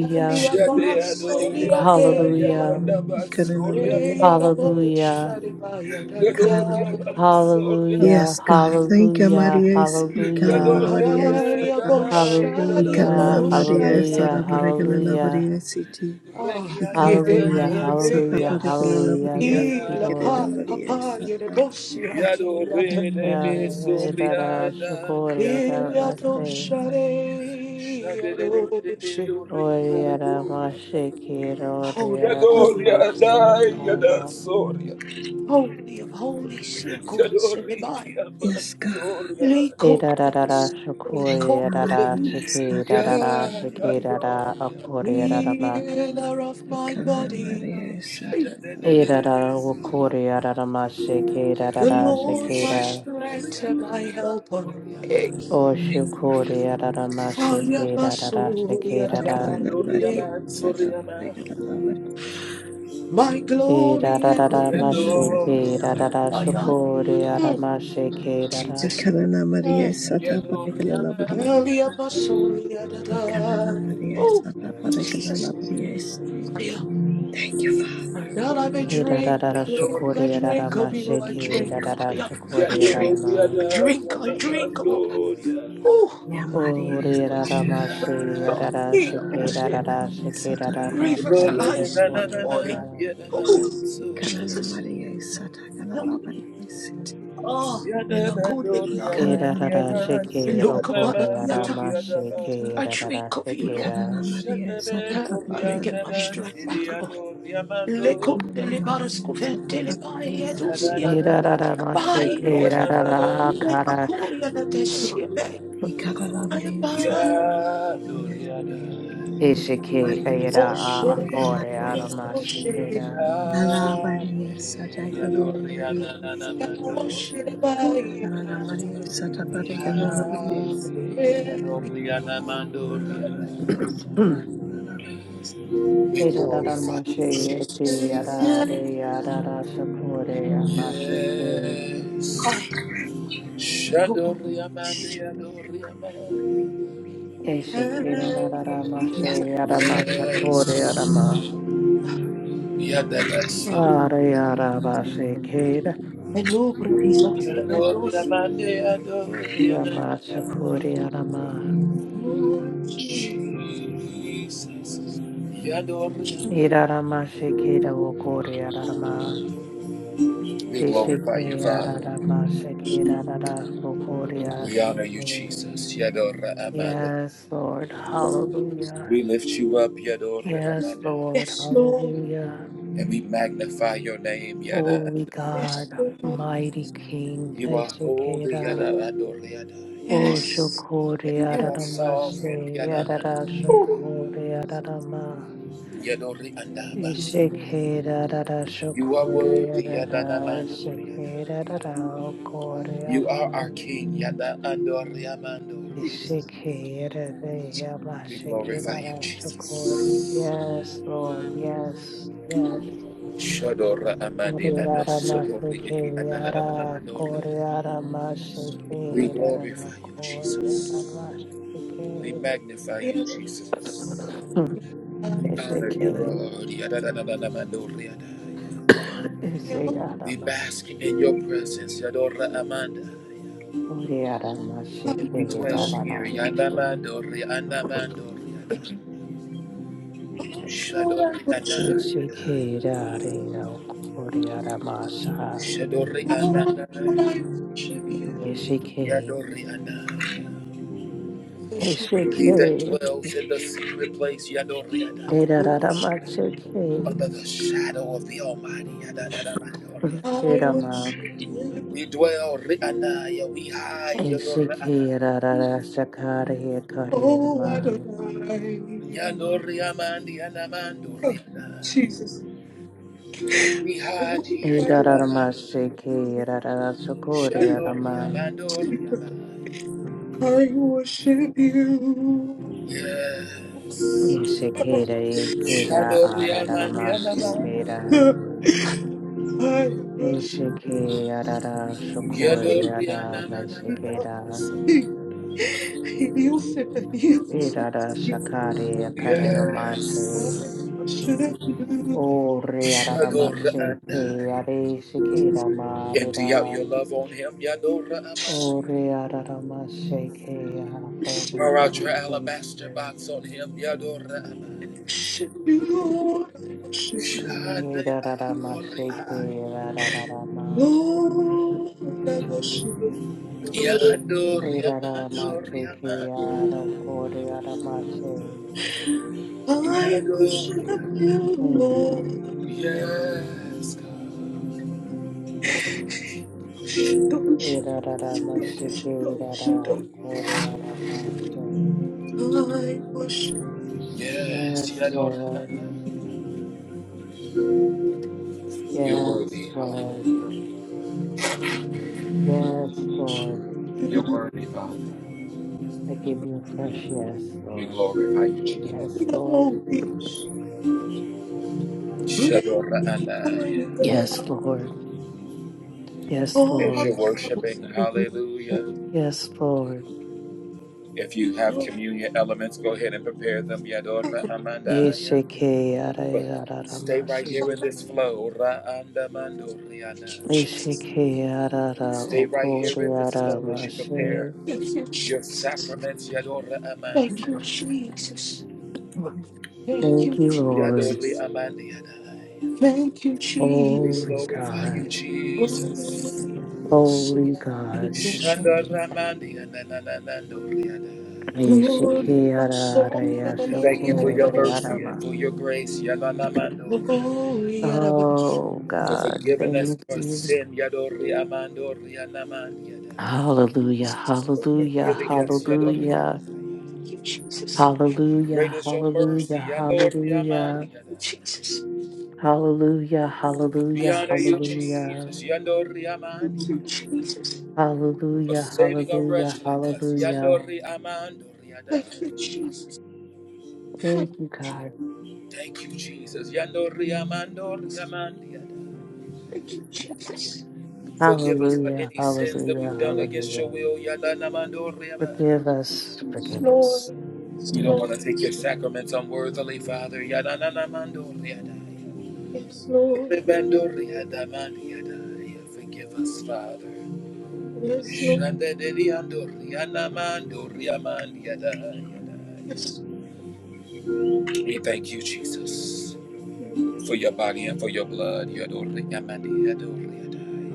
H: Elia Basolia
A: Shadeadoriana,
H: Dea,
A: Yadaba,
G: Karana
A: Soria,
G: Maria.
H: Holy, holy, holy
G: Karana Maria.
A: Yadoria, Soria,
G: Yes, God. Thank you, Maria. Ikalala
A: Yadoria,
G: Maria Sata.
A: Daba, Yadada,
G: Ikanana
A: Soria.
G: Maria Sata Paragala Maria City.
A: Rekiada
G: Ikanana
A: na na na na,
G: Maria Sata
A: Soriana man,
G: Paragala Maria City.
A: Soriana.
G: Karana Maria Sata.
A: Yado re
G: Karana
A: de me
G: Maria Sata.
A: Soriana, Diana.
G: Karana Maria Sata.
A: Shade de de de de do Riana, Yado Riana, Yada Soria.
H: of holy, she
A: Yado
H: calls it by.
A: Rikia man
G: Yes, God.
A: Soria.
H: Lee Corbin,
G: Thank you, Maria
A: Ya
G: Sata. Karana Maria.
A: Yado.
H: Healer of my
G: Ikanana
H: body,
G: Maria
A: Shade
G: Sata.
H: the
A: de de de de de Soria.
G: Karana Maria.
H: Lord my
A: Shado
H: strength and
A: Riana,
H: my helper. Hey.
A: Riana.
G: Thank you, Father.
H: I am my soul, yet above
G: Ikanana
A: Yada
H: the
G: Maria
H: day.
A: Riana,
G: Sata
A: Soriana.
G: Parigala Lavadi
H: My glory and the lift of
G: Ikanana
H: my
G: Maria
A: Yeah,
H: head.
G: Sata
H: I am
G: Lavadi
H: Mm, Jesus.
G: Ikanana Maria
H: Mm.
G: Sata Parigala Lavadi
H: Holy am my soul, yet
G: Ikanana
H: above.
G: Maria
H: Oh,
G: Sata Parigala
H: Jesus.
G: Lavadi
H: I am.
G: Thank you, Father.
H: And now I may drink, drink, I drink of you, I drink. I am. I drink, I drink, I
G: Thank
H: drink, Lord. oh.
G: you, Yeah, Maria
H: Holy Spirit,
G: Sata
H: of God, heal,
G: Ikanana
H: bullshit.
G: Maria Sata Parigala
H: Revitalize my body.
G: Lavadi
H: Oh,
G: Ikanana
H: Jesus,
G: Maria Sata Gala
H: help me.
G: Lavadi Siti
H: Oh, and I could and
G: Ikanana Maria Sata
H: Look upon the
G: Parigala
H: theater.
G: Lavadi Sata
H: I drink of you, Lord.
G: Ikanana Maria Sata
H: Ah, I will
G: Patikala
H: get my
G: Maria
H: strength back,
G: Sata
H: Lord. Lekum
G: Ikanana
H: delibaras
G: Maria Sata
H: kuventelibai
G: Patikala Maria
H: edusia.
G: Sata
H: I abide, Lord. Menakuri and the Siebe.
G: Ikanala
H: I
G: Maria
H: abide.
G: Sata Yes Maria
H: Oh, shit.
G: Sata Maria
H: Oh, shit.
G: Lala
A: Yahweh,
G: Maria Sata Kirina
A: Adonai,
G: Maria
A: Adonai,
H: Oh,
G: Sata Kanana
H: shit.
G: Maria Sata Patikala Maria Sata
A: Adonai, Adonai, Adonai.
G: Kanana Maria Sata Lala Maria Sata
A: We glorify you,
H: Ay,
A: Yes.
H: disculpa.
A: Shadori Amanda, Yadori Amanda.
G: Yes
A: Yes. Yadalaso.
H: Melubra, risocia,
A: Yadori
H: redocia.
A: Amanda, Yadori Amanda.
H: Lord Jesus.
A: Jesus.
H: Jesus.
A: Yadori Amanda. We glorify you, Father. We honor you, Jesus. Yadora Amanda. We lift you up, Yadora Amanda,
H: Yes, Lord.
A: and we magnify your name, Yada Adora
H: Yes,
A: Amanda.
H: Lord.
A: You are holy, Yada Adora Yada.
H: Yes.
A: You
H: Yes.
A: are sovereign, Yada Adora
H: Oh,
A: Amanda. Yadori Andabas. You are worthy, Yada Amanda. You are our King, Yada Adora Amanda.
H: Jesus.
A: We glorify you, Jesus. Shadora Amandi Adosodori Iki Adala Adora. We glorify you, Jesus. We magnify you, Jesus.
H: I
A: We honor you, Lord. Yadadadadadamadoriadaya. We bask in your presence, Yadora Amanda. We dwell
H: worship
A: here,
H: you.
A: Yadamandori Anamandoriada.
H: Oh, Lord, I
A: Shadori
H: worship
A: Anaya. Shadori
H: you. Oh,
A: Anaya.
H: Lord, I worship you.
A: Yadori Anaya.
H: Worship you.
A: He that dwells in the secret place, Yadori
H: Worship.
A: Under the shadow of the Almighty,
H: I
A: Yadadadamandoriada.
H: worship you.
A: We dwell Rianaya, we hide Yadoranaya.
H: Oh, Adonai.
A: Yadoriamandi
H: Oh,
A: Anamandoriana.
H: Jesus.
A: We hide
H: Oh,
A: here
H: Adonai.
A: Yadamandor. Shandoriamandoriana.
H: I worship you.
A: Yes.
H: Oh,
A: Shandoriamandi
H: Lucia.
A: Anamandor.
H: I worship you.
A: Yadoriana.
H: Lucia. Yusuf and Yusuf,
A: Yes.
H: I worship you.
A: Shadorana. Empty out your love on him, Yadorama.
H: worship,
A: Pour out your alabaster box on him, Yadorama.
H: worship you, Lord. I worship you,
A: Shade adore ai.
H: Lord. I worship you, Lord. I worship,
A: Yadore
H: worship.
A: amadore ama.
H: I worship
A: Yadore.
H: you, Lord.
A: Yes, God.
H: Worship, worship, worship, worship, worship. I worship you, Lord.
A: Yes, Yadore. ama. You're worthy, hallelujah.
H: Worship
A: You're
H: you,
A: worthy, Father. We glorify you, Jesus.
H: Lord. Great
A: Shadore
H: is the mighty
A: alai.
H: God, all
A: As you're worshiping,
H: powerful.
A: hallelujah. If you have
H: Lord.
A: communion elements, go ahead and prepare them. Yadora Amandaya. But
H: Oh,
A: stay right here in this
H: Thank
A: flow. Ra andamando
H: you,
A: riana.
H: Jesus.
A: Stay right here in this flow as you prepare
H: Thank you,
A: your
H: Jesus.
A: sacraments. Yadora
H: Thank you,
A: Amandiada.
H: Jesus. Thank you,
A: Yadori
H: Jesus.
A: Amandiada.
H: Thank you,
A: We
H: Jesus.
A: glorify you, Jesus.
H: Holy Ghost, yeah, you worship me.
A: Shandora Amandiada. Nananandoriada.
H: Holy my soul, yeah,
A: We thank
H: yeah,
A: you for your
H: I worship
A: mercy and for your grace, Yadana
H: you.
A: Mandori.
H: Oh, yeah, I worship
A: For
H: you.
A: forgiving us for sin, Yadori Amandori Anamandiada.
H: Thank you, Jesus.
A: For forgiving us, Yadori
H: Thank
A: Amandori.
H: you, Jesus.
A: Great is your mercy, Yadori
H: Thank you,
A: Amandiada.
H: Jesus. My
A: We
H: life
A: honor
H: is
A: you,
H: Jesus.
A: Jesus, Yandori
H: Thank you,
A: Amandi,
H: Jesus.
A: for saving a wretch like us, Yandori Amandori
H: Thank you,
A: Adai.
H: Jesus. Thank you,
A: Thank you, Jesus, Yandori Amandori
H: Jesus.
A: Amandi Adai.
H: Thank you, Jesus.
A: Forgive us for any sins that we've done against your will, Yadana Mandori Amandori
H: Yes, Lord. Yes,
A: We don't
H: Lord.
A: want to take your sacraments unworthily, Father, Yadana Mandori Adai.
H: Yes, Lord.
A: Rebandori Adamandi Adai. Forgive us, Father.
H: Yes, Lord.
A: Shandaderi Andori Anamandori Amandi Adai.
H: Yes,
A: We thank you, Jesus,
H: Lord.
A: for your body and for your blood. Yadori amandi adori adaya.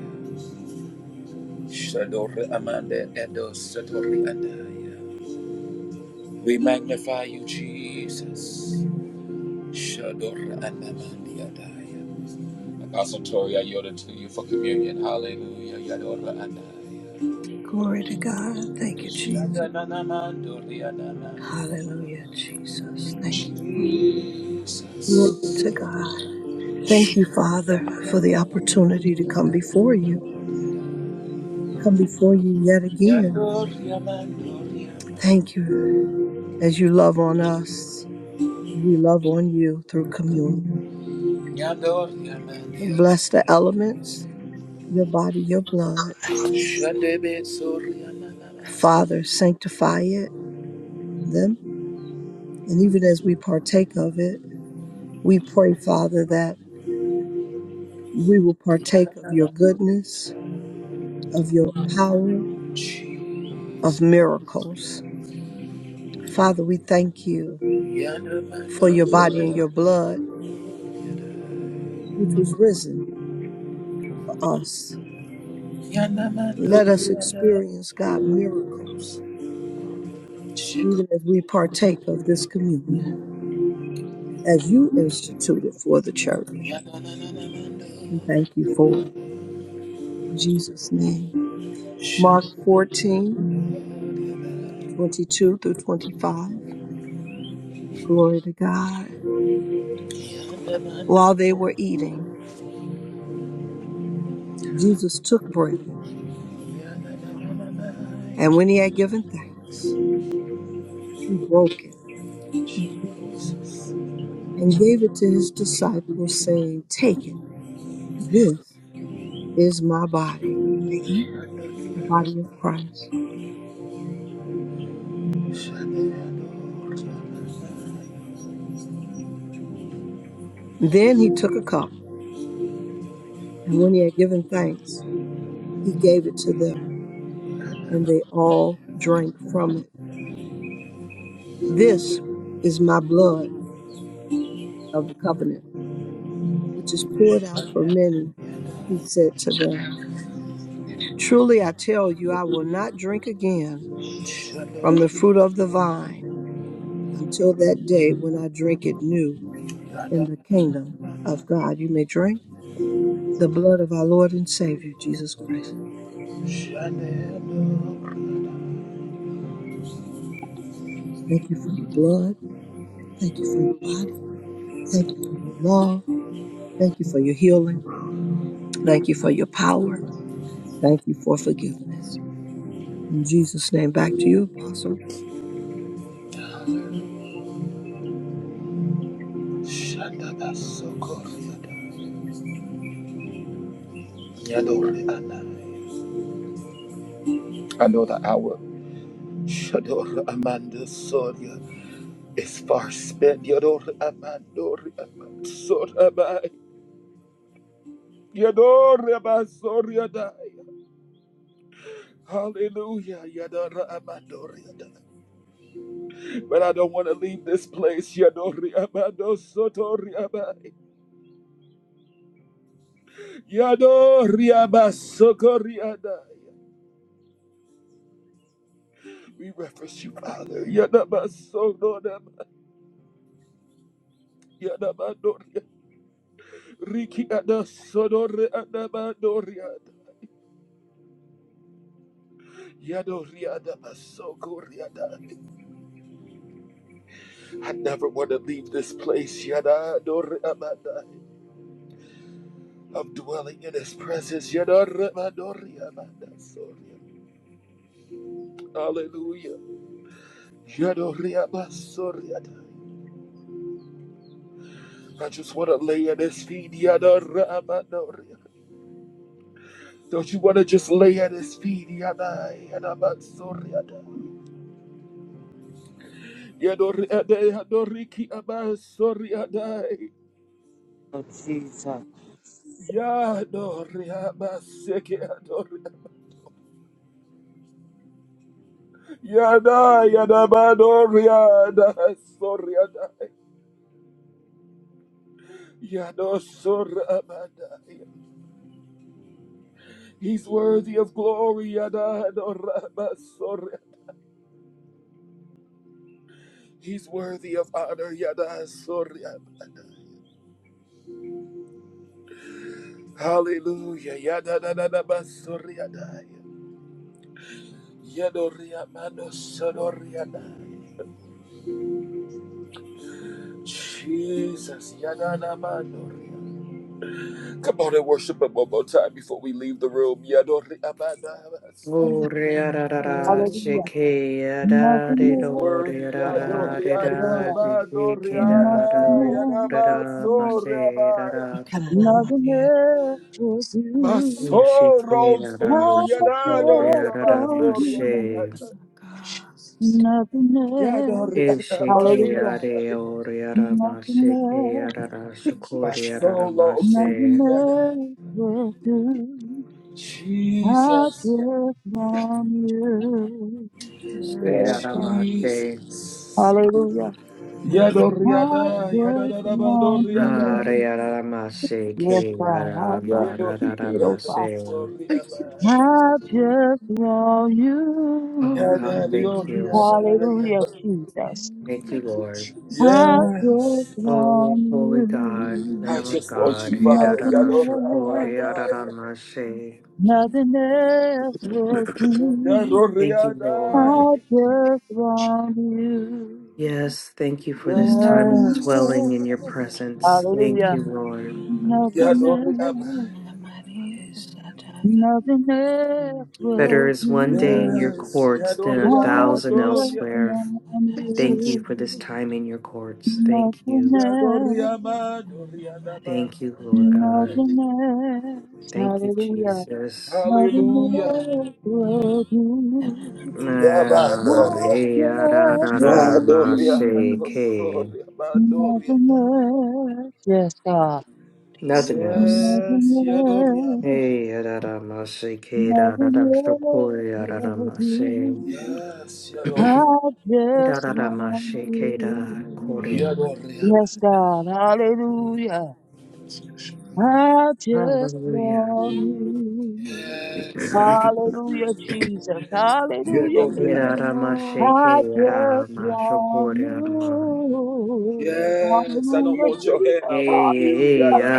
A: Shadori amande edos adori adaya. We magnify you, Jesus. Shadori anamandi adaya. Apostle Tori, I yield it to you for communion. Hallelujah. Yadori adaya.
G: Glory to God Thank you Jesus
A: Shadananamandori anamandi.
G: Hallelujah Jesus Thank you Father. Glory
A: Jesus.
G: to God. Thank you, Father, for the opportunity to come before you, come before you yet again.
A: Shadori amandori
G: Thank you as you love on us and we love on you through communion.
A: Yador yaman yador.
G: Bless the elements, your body, your blood.
A: Shadebe sor yaman yaman.
G: Father, sanctify it, them. And even as we partake of it, we pray, Father, that we will partake of your
A: Yador
G: goodness, of your power,
A: cheese.
G: of miracles. Father, we thank you
A: Yadaman
G: for
A: dor
G: your body
A: yador.
G: and your blood, which was risen for us.
A: Yadaman
G: Let
A: dor
G: us
A: yador.
G: experience, God, miracles,
A: Shiku
G: even as we partake of this communion, as you instituted for the church.
A: yadadadadaman
G: We
A: dor.
G: thank you for it. In Jesus' name. Mark
A: Shador
G: 14
A: yaman.
G: 22 through 25. Glory to God.
A: Yadaman
G: While they
A: dor.
G: were eating, Jesus took bread. Thank you, Father.
A: Yadadadadaman.
G: And when he had given thanks, he broke it. Thank you, Lord. and gave it to his disciples, saying, Take it. This is my body. You may eat the body of Christ.
A: Shador yador yaman.
G: Then he took a cup, and when he had given thanks, he gave it to them, and they all drank from it. This is my blood of the covenant, which is poured out for many, he said to them. Truly I tell you, I will not drink again from the
A: Shador
G: fruit of the vine until that day when I drink it new in the kingdom of God. You may drink the blood of our Lord and Savior, Jesus Christ.
A: yador. Shador
G: Thank you for your blood. Thank you for your body. Thank you for your love. Thank you for your healing. Thank you for your power. Thank you for forgiveness. In Jesus' name, back to you, Apostle.
A: yador. Shanda da socorriada. Yadore I know the hour. Shador amanda soria is far spent. Yador amandori amansoramai. Yador amasoriadai. Hallelujah. Yador amandoriadai. But I don't want to leave this place. Yadori amando sotoriamai. Yadori amasocoriadai. We reference you, Father. Yadamasodonamai. Riki ada sodore ada badoriada. Yadoriada basokoriada. I never want to leave this place, yada dore amada. I'm dwelling in his presence, yadore soria. Hallelujah. Yadoria basoriada. I just want to lay at his feet, yadore Don't you want to just lay at his feet, yada yada basoriada. Yadore yadoriki abasoriada.
F: Oh, Jesus.
A: Yadoria baseke adoria. Yada yada badoria da soria da. Yado sora bada. He's worthy of glory yada adora basoria. He's worthy of honor yada soria bada. Hallelujah yada da da da basoria da. Yadoria mano soria da. Jesus yada na madoria. Come on and worship him one more time before we leave the room. Yadori Amanda Story.
F: Hallelujah. Nothing
A: He's
F: more.
A: worthy. Yadori Ada Abadori Ada
F: Nothing else,
A: Yadaba Soraba.
F: nothing else will
H: Yes,
A: My
F: do.
A: soul rolls for you.
F: I
A: Yadadori
F: just want
A: Abasori
F: you.
A: Ada.
F: Nothing else.
A: Yadori Adabadi
F: Hallelujah.
A: Ada.
F: Nothing else,
H: Thank you,
A: My soul longs for
F: nothing
A: you. Yada.
F: else will do. I
A: Jesus.
F: just want you. Yes, God.
A: Jesus.
F: Hallelujah.
A: Yadori
F: I
A: Ada.
F: just want
A: Yadadabadori Ada.
F: you. Yes, God. I just want
A: Yedo
F: you,
A: fiki
F: oh
A: ado
F: God.
H: Jesus.
A: sorry
H: Thank you,
A: abai.
H: Jesus.
F: I just want you.
A: Yada yori
F: Hallelujah,
A: adai.
F: Jesus.
H: Thank you, Jesus.
F: I
A: Yes,
F: just want you.
A: I
H: Thank
A: just want you, Father.
F: Nothing
A: Yado
F: else,
A: abadai.
F: nothing else will do.
A: Yadori adai.
F: I just want you. Nothing else.
A: Yes.
D: Yeah.
F: Hallelujah.
D: Nothing,
H: you,
D: nothing
F: Nothing
D: else,
H: Jesus.
A: Yadori abai.
F: else,
G: Ana Maria
D: nothing
G: Sataka
F: nothing else will do.
A: Yes. Yadori
F: I
A: abadori.
F: just
H: Thank you,
G: Sataka
F: want you.
G: Maria
A: Yadori
F: Nothingness,
A: Abba,
G: Ana
A: Doria,
G: Maria
A: adabadori adai.
F: nothingness, hallelujah. Nothingness
A: Hallelujah.
F: will
G: Ana
F: do.
G: Maria
A: Yaba, Doria,
F: Nothingness won't
A: Yadoria.
F: do.
A: Adosoria. Badoria.
F: Nothingness, yes, God.
H: Jesus.
A: Yes,
F: Nothingness,
A: Yadoriama.
F: nothingness will do.
A: Yes,
F: I
A: Yadoriama.
F: just want you.
A: Yadoriama.
F: Yes, God, hallelujah. I just want you.
A: Yes.
F: Hallelujah, Jesus. Hallelujah, Jesus.
A: Yadoriama.
D: else,
F: I just want you.
A: Yes, I don't
F: Hallelujah,
A: want your hand.
F: Jesus.
A: I want you, Yada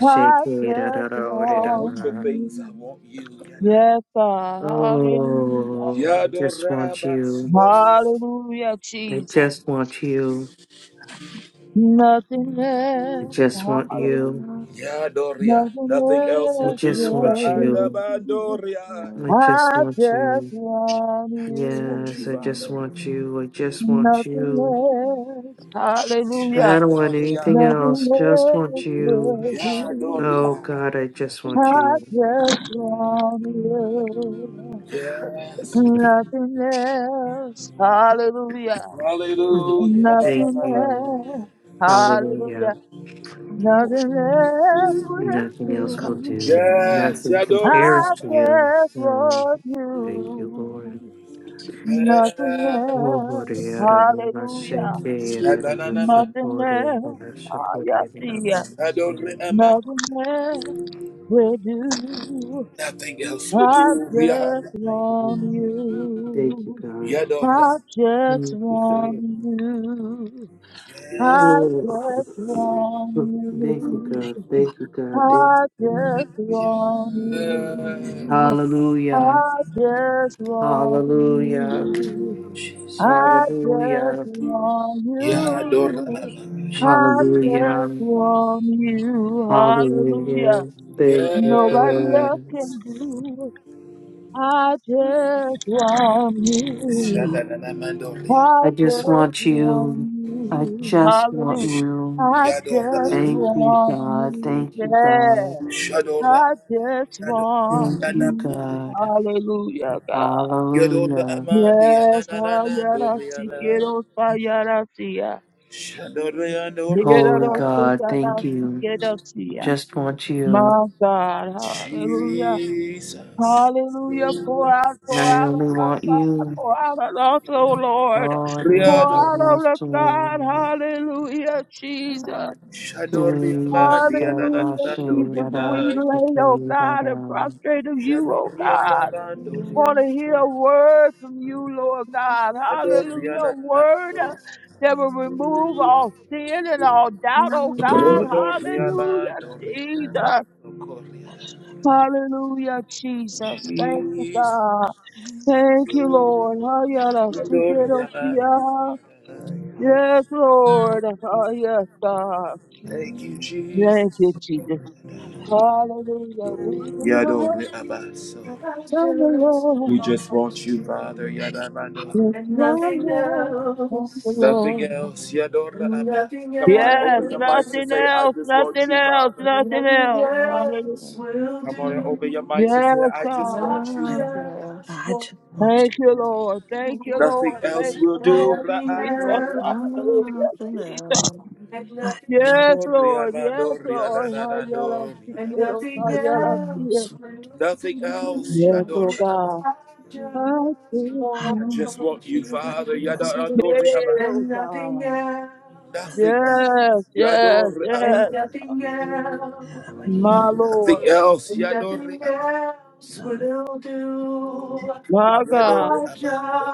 F: Hallelujah. I just
A: I don't
F: want
A: want your things. I
F: you.
A: want you, Yada.
F: Yes, God. Hallelujah.
A: Yadorama. So,
F: Hallelujah, Jesus. Nothing else. Hallelujah.
A: Yadoria.
F: Nothing
A: Nothing else
F: else
A: would do.
F: will do.
A: Raadabandoria.
F: I just want
A: I just want you,
F: you.
A: Father.
F: Nothing else, hallelujah.
A: Yadoriama.
F: Nothing else will
H: Shalom.
F: do.
A: Yadoria.
F: I just want you.
A: Yes.
F: Nothing else, hallelujah.
A: Hallelujah. Na,
F: Nothing
A: na, na, na.
F: else, hallelujah. Nothing else will do.
A: Yes. Yadora
F: I
A: Ama.
F: just want you.
H: Thank you, Jesus.
A: Yes.
F: Nothing else, hallelujah.
A: Yadananama.
F: Nothing else, hallelujah.
A: Yadore Ama.
F: Nothing else will do.
A: Nothing else would
F: I
A: do.
F: just
A: Rihanna.
F: want you.
A: Yadora
F: I
A: Ama.
F: just want you.
A: Yes.
F: I just want you.
G: Thank
F: I just want
A: Yes.
F: you. I just want you.
G: you, Jesus.
F: I just want
A: Yadora
F: you.
G: Thank
A: Ama.
G: you, Jesus.
F: I just want you. Hallelujah. Nobody
A: Yes.
F: else can do. it. I just want
G: God,
F: you.
A: Shadananamandoria.
F: I just want you.
G: thank,
F: Hallelujah. I
A: Yadora
F: just
A: Ama.
F: want you. Yeah.
A: Shadora
F: I just
A: Ama.
F: want
A: Yadora
F: you.
A: Ama.
F: Hallelujah, God.
A: Yodora amandi
F: Yes, Hayarasi
A: anananandoriana.
F: quiero
G: thank you.
F: Hayarasia. Quiero tu
A: Shadoriandoriana.
F: cara, quiero
G: Thank
F: sia.
G: you, Ana
F: My God, hallelujah.
A: Jesus.
F: Hallelujah. Pour
G: Maria.
F: out, pour out on us, God. Pour out on us, O Lord. Pour out on us,
A: Riadoriana.
F: God. Hallelujah, Jesus.
A: Shadoriamandi
F: Hallelujah, Jesus.
A: anananandoriana.
F: We lay, oh God, and prostrate of you, oh God. Want
A: Shadorianandoriana.
F: to hear a word from you, Lord God. Hallelujah.
A: Shadoriana.
F: A word uh, that will remove all sin and all doubt, oh God. Hallelujah,
A: Rodoriamandoriana.
F: Jesus.
A: Okoriana.
F: Hallelujah, Jesus. Thank you,
A: Jesus.
F: God. Thank you, Lord. Oh, yeah, that's too good of
A: Shadoriamandoriana.
F: you. Yes, Lord. Oh, yes, God.
A: Thank you,
F: Thank
A: Jesus.
F: you, Jesus. Hallelujah. We need the
A: Yado
F: word
A: Abaso.
F: from the Lord.
A: We just want you, Father.
G: Thank you,
A: Yadamando.
F: It's one word from the
A: Nothing
F: Lord.
A: else. Yadora Abba. Come on,
F: Yes, nothing
A: are
F: else, nothing
A: you,
F: else,
A: Father?
F: nothing else. Hallelujah.
A: Come on and open your mics and
F: Yes,
A: say, I just
F: God.
A: want you,
G: Ana Maria.
A: Father.
G: I just want
F: Thank you, Lord. Thank you,
A: Nothing
F: Lord. Thank
A: else will
F: you,
G: you. I,
A: do.
F: Lord. Jesus.
A: Raadora Abba.
F: Hallelujah. Jesus.
G: I just
F: Yes,
A: Yadora
F: Lord. Yes,
A: Abando.
F: Lord. I yeah, I
A: Yadadadado.
F: see it.
A: Yadada.
F: Oh, ah, yeah, I gotta see
G: nothing else.
F: it.
A: Nothing else.
G: I
F: Yes,
G: want
F: oh
G: you.
A: Yadora Abba.
F: God.
D: nothing
F: I see
G: I,
A: I
F: it.
A: just want you,
G: I
A: Father.
G: just
F: Yes,
G: want
A: Yadadadori
G: you.
A: Abba.
F: oh God.
G: Nothing,
A: Nothing
F: Yes,
A: else.
F: yes,
A: Yadora Abba.
F: yes.
G: Ana Maria.
F: My
D: else.
F: Lord.
A: Nothing else. Yadori Abba.
G: Lord.
F: My God.
A: Yadori amando.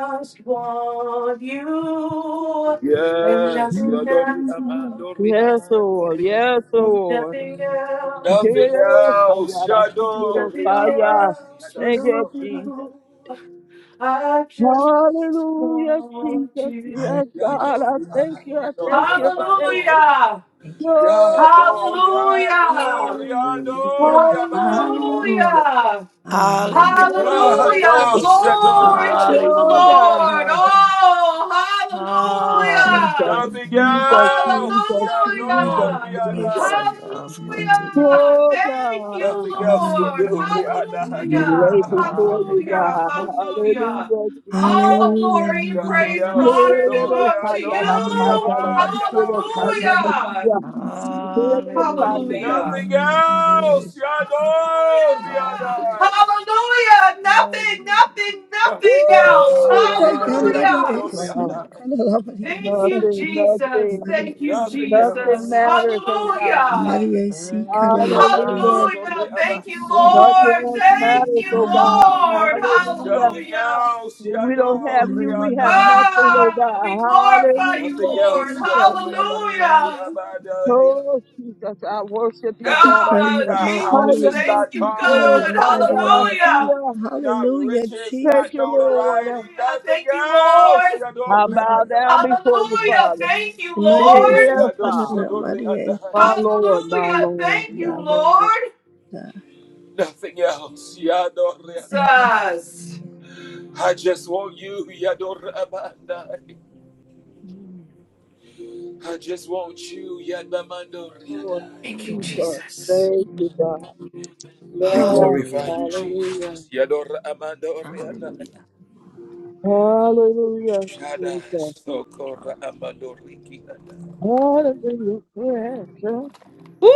A: Yes, Yadori Amandori
F: Yes, Lord. Yes,
A: Amandori.
F: Lord. Yes,
A: Nothing
F: oh, ah, yeah,
A: else,
F: I gotta see it. Oh,
A: Yadori
F: ah, yeah.
A: Abba,
F: Thank you,
A: Yadasori
F: Jesus.
A: Ada,
F: Hallelujah, Jesus. Yes,
G: Hallelujah.
F: God. I
A: Yadori
F: thank
A: Aha,
F: you. I thank
A: Yadori
F: you. I thank you.
A: Abandori.
G: Thank you.
F: Yoga.
A: Yadori Adori
D: Hallelujah.
A: Adori
F: Hallelujah.
A: Abandoria.
D: Hallelujah.
G: Hallelujah.
D: Hallelujah.
A: Yadosetori
D: Hallelujah.
A: Adasori Adai.
F: Yoga.
D: Hallelujah.
F: Jesus,
A: Nothing
G: Yes.
F: Jesus,
A: else,
F: Jesus, Jesus,
A: Yadori
G: Lord, yes.
F: Jesus.
A: Adai.
D: Nothing else would do.
F: Yoga.
A: Nothing else will do.
G: Hallelujah.
A: Rihanna,
F: We
A: no
F: lay
A: Rihanna.
F: before
D: Hallelujah.
F: you, God. Hallelujah, Jesus.
G: Hallelujah,
A: Nothing
G: Maria.
D: Hallelujah.
A: else. You know,
F: Yero
A: Rihanna,
F: sayara
G: Ah,
A: no
F: sayara
A: Rihanna.
G: Maria.
A: You
F: sikero
A: know, Rihanna.
F: sayara Yero
D: Hallelujah.
F: sayara.
A: Nothing
G: Maria.
A: else. You know,
D: Nothing
A: Rihanna.
J: Hallelujah.
D: else
J: Nothing,
D: would do.
J: nothing, nothing
A: Nothing
D: Nothing
J: else.
A: else. You
G: Woo!
A: know,
G: Thank you,
A: Rihanna,
J: Hallelujah.
G: Maria.
A: no
G: See,
F: uh,
A: Rihanna.
D: else.
G: Kalala Maria.
J: Thank you,
G: Sata.
F: Nothing,
J: Jesus.
F: nothing,
G: Maria.
J: Thank you,
D: Thank
A: Nothing
D: you,
F: nothing
J: Jesus.
A: else.
F: matters, oh God.
J: Hallelujah.
G: Maria. See,
D: Lord.
G: Kalala
A: Rabbi,
G: Maria.
F: Hallelujah.
A: you know,
J: Hallelujah. Thank
A: Rihanna,
J: you,
A: so
F: Nothing
J: Lord.
A: Rihanna.
F: else
J: Thank
F: matters,
J: you,
F: oh
G: Ah,
F: God.
G: Maria.
J: Lord.
F: Hallelujah.
D: Nothing
A: Nothing
J: Hallelujah.
A: else.
D: else.
A: You
F: If we don't
A: know,
F: have you, we have
A: Rihanna.
G: Hallelujah,
F: nothing, oh
J: Ah, we
F: God.
D: Hallelujah.
J: glorify you,
A: Nothing
F: Hallelujah,
J: Lord.
A: else. You
F: Jesus.
A: know, Rihanna, no
J: Hallelujah.
A: Rihanna.
F: Oh, Jesus, I worship you,
A: not
F: God.
J: Ah,
A: money, not
J: Jesus,
A: houses,
F: Hallelujah.
J: thank
A: not
J: you,
A: cars, you
J: God.
A: know what
J: Hallelujah.
A: not riches,
F: Thank
G: Jesus.
A: not
F: you, Lord.
A: notoriety,
J: Hallelujah.
A: nothing
J: Thank you,
A: else.
J: Lord.
A: You know
F: I
A: what
F: bow
G: Lord.
F: down
A: I'm saying?
F: before you,
J: Hallelujah.
F: Father.
J: Thank you,
G: Maria is
J: Lord.
F: Yes, ah.
A: so
G: Kanana, Maria is
F: my Lord, my
J: Hallelujah.
F: Lord,
J: Thank
F: my
G: Satana,
J: you,
G: but
F: Lord,
J: Lord.
G: uh,
A: Nothing else. You know what
G: Thank
A: i
G: you,
J: Jesus.
A: just want you. You know what i just want you. You know what i
F: Lord. Jesus. Thank you, God.
A: We
F: Yes,
A: glorify you,
F: hallelujah.
A: Jesus. You know what I'm
F: Hallelujah, Jesus.
A: Sokora, Amandori, Kiana.
F: Hallelujah, precious.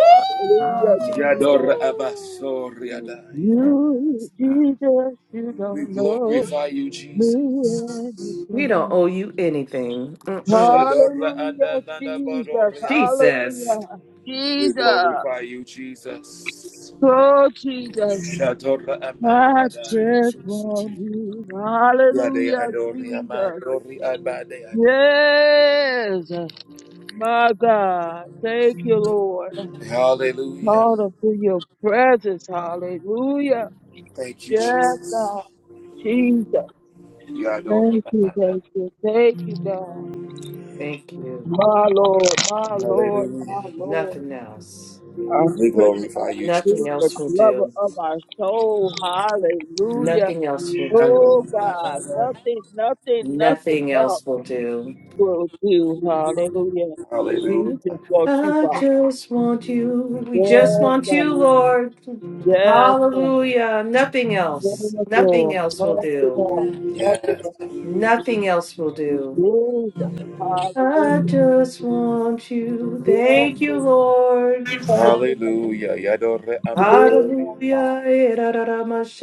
F: Hallelujah,
D: Confidence.
F: Jesus.
A: Yador Abasoriadai.
F: You,
D: Yes, God.
F: Jesus, you
A: We
F: don't know
A: glorify you,
F: me
A: Jesus.
F: anything.
A: Shadora
F: Hallelujah,
A: Adanana
F: Jesus.
A: Badoriadai.
F: Hallelujah,
A: We
F: Jesus.
A: glorify you, Jesus.
F: Oh, Jesus.
A: Shadora
F: I
A: Amandiadai.
F: just
D: Jesus.
F: want
D: Jesus.
F: you.
A: Yade
F: Hallelujah,
A: Adori
F: Jesus.
A: Amadori Abadeadai.
F: Yes, my God. Thank you, Lord.
A: Hallelujah.
F: called us to your presence. Hallelujah.
A: Thank you,
F: Yes,
A: Jesus.
F: God. Jesus.
A: Yadora.
F: Thank you, thank you. Thank you, God. My Lord, my Lord, my
A: Hallelujah.
F: Lord. Our
A: We
F: strength and our
A: glorify you, Jesus.
F: redeemer, lover of our soul. Hallelujah. Oh,
A: Shadora
F: God.
A: Adanana.
F: Nothing, nothing, nothing else will do. Hallelujah.
A: Hallelujah.
F: Just want you, God. Yes, God. Yes, God. Yes, Lord. Yes, God.
A: Yes.
F: Jesus. Hallelujah. Yes, we thank you for
A: Hallelujah. Yadora
F: hearing us,
A: Amadori.
F: God.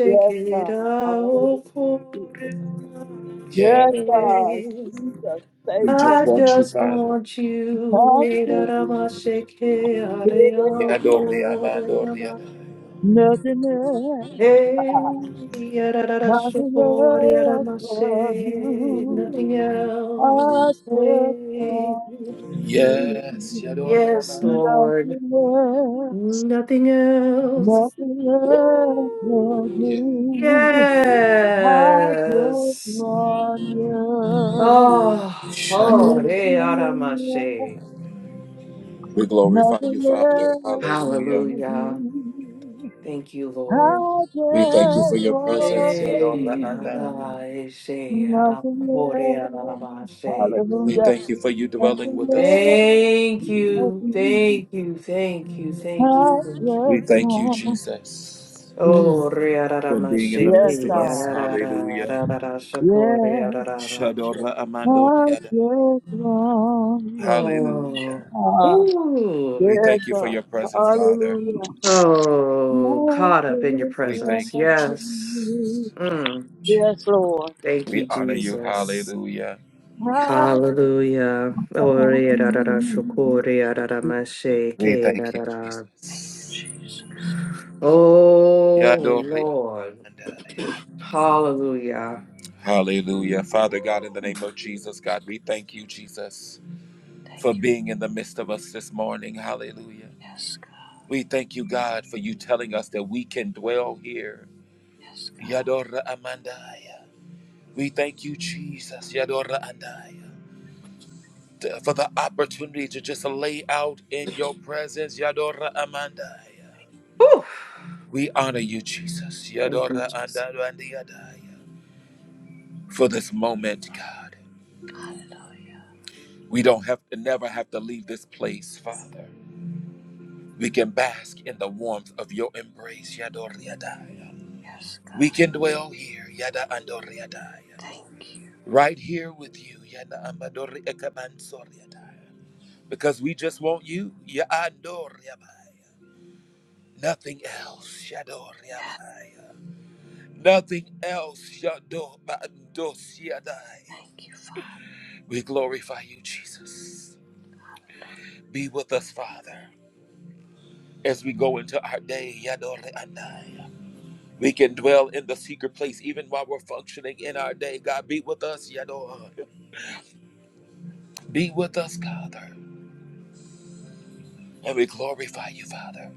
F: Yes, sir. Hallelujah.
A: Yeah.
F: Yes, sir. Jesus, thank
A: We
F: you
A: just
F: for
A: want you, Father.
F: nothing else. Hearing us, God.
A: Yadori Amandori Amanda.
F: Nothing else. God. Nothing else but you. I just want
A: Yes,
F: you.
A: Yadori Amanda.
F: Nothing Nothing else will
A: Yes.
F: do. I just want you.
A: Yadori
F: Nothing
A: Amanda.
F: else,
A: We glorify you,
F: nothing
A: Father.
F: else
A: Hallelujah.
F: will do. I
A: We thank you for
F: just
A: your presence,
F: want
A: Yadori Amanda.
F: you. Nothing else.
A: We
F: Hallelujah.
A: thank you for you dwelling
F: Nothing
A: with us,
F: else.
A: Father.
F: will do. I
A: We
F: just
A: thank you,
F: want
A: Jesus,
F: you.
A: for being in the
F: Yes,
A: midst of us.
F: God.
A: Hallelujah.
F: Yes.
A: Shadora
F: I
A: Amandori
F: Precious one.
A: Hallelujah.
F: Ah,
A: We
F: yes,
A: thank you for
F: sir.
A: your presence, Father.
F: Hallelujah. I just Precious
A: We thank you,
F: you.
A: Jesus.
F: Yes, Lord.
A: We honor you. Hallelujah.
F: I want you.
A: We thank you, Jesus.
G: Jesus.
A: Yadori andamandaya. Hallelujah. Father God, in the name of Jesus, God, we thank you, Jesus, for being in the midst of us this morning. Hallelujah.
G: Yes, God.
A: We thank you, God, for you telling us that we can dwell here.
G: Yes, God.
A: Yadora Amandaya. We thank you, Jesus. Yadora Andaya. For the opportunity to just lay out in your presence. Yadora Amandaya. We honor you, Jesus. Yadora andaro andiyadaya. For this moment, God. We don't have to never have to leave this place, Father. We can bask in the warmth of your embrace, Yadoriadaya.
G: Yes,
A: We can dwell here, Yada Andoriadaya.
G: Thank you.
A: Right here with you, Yada Amadori Ekabansoriadaya. Because we just want you, Yadoriabai. Nothing else, Yadoriabai. Nothing else, Yadoriadaya. We glorify you, Jesus. Be with us, Father, as we go into our day. Yadore Anai. We can dwell in the secret place even while we're functioning in our day. God, be with us, Yadore, Be with us, Father. And we glorify you, Father.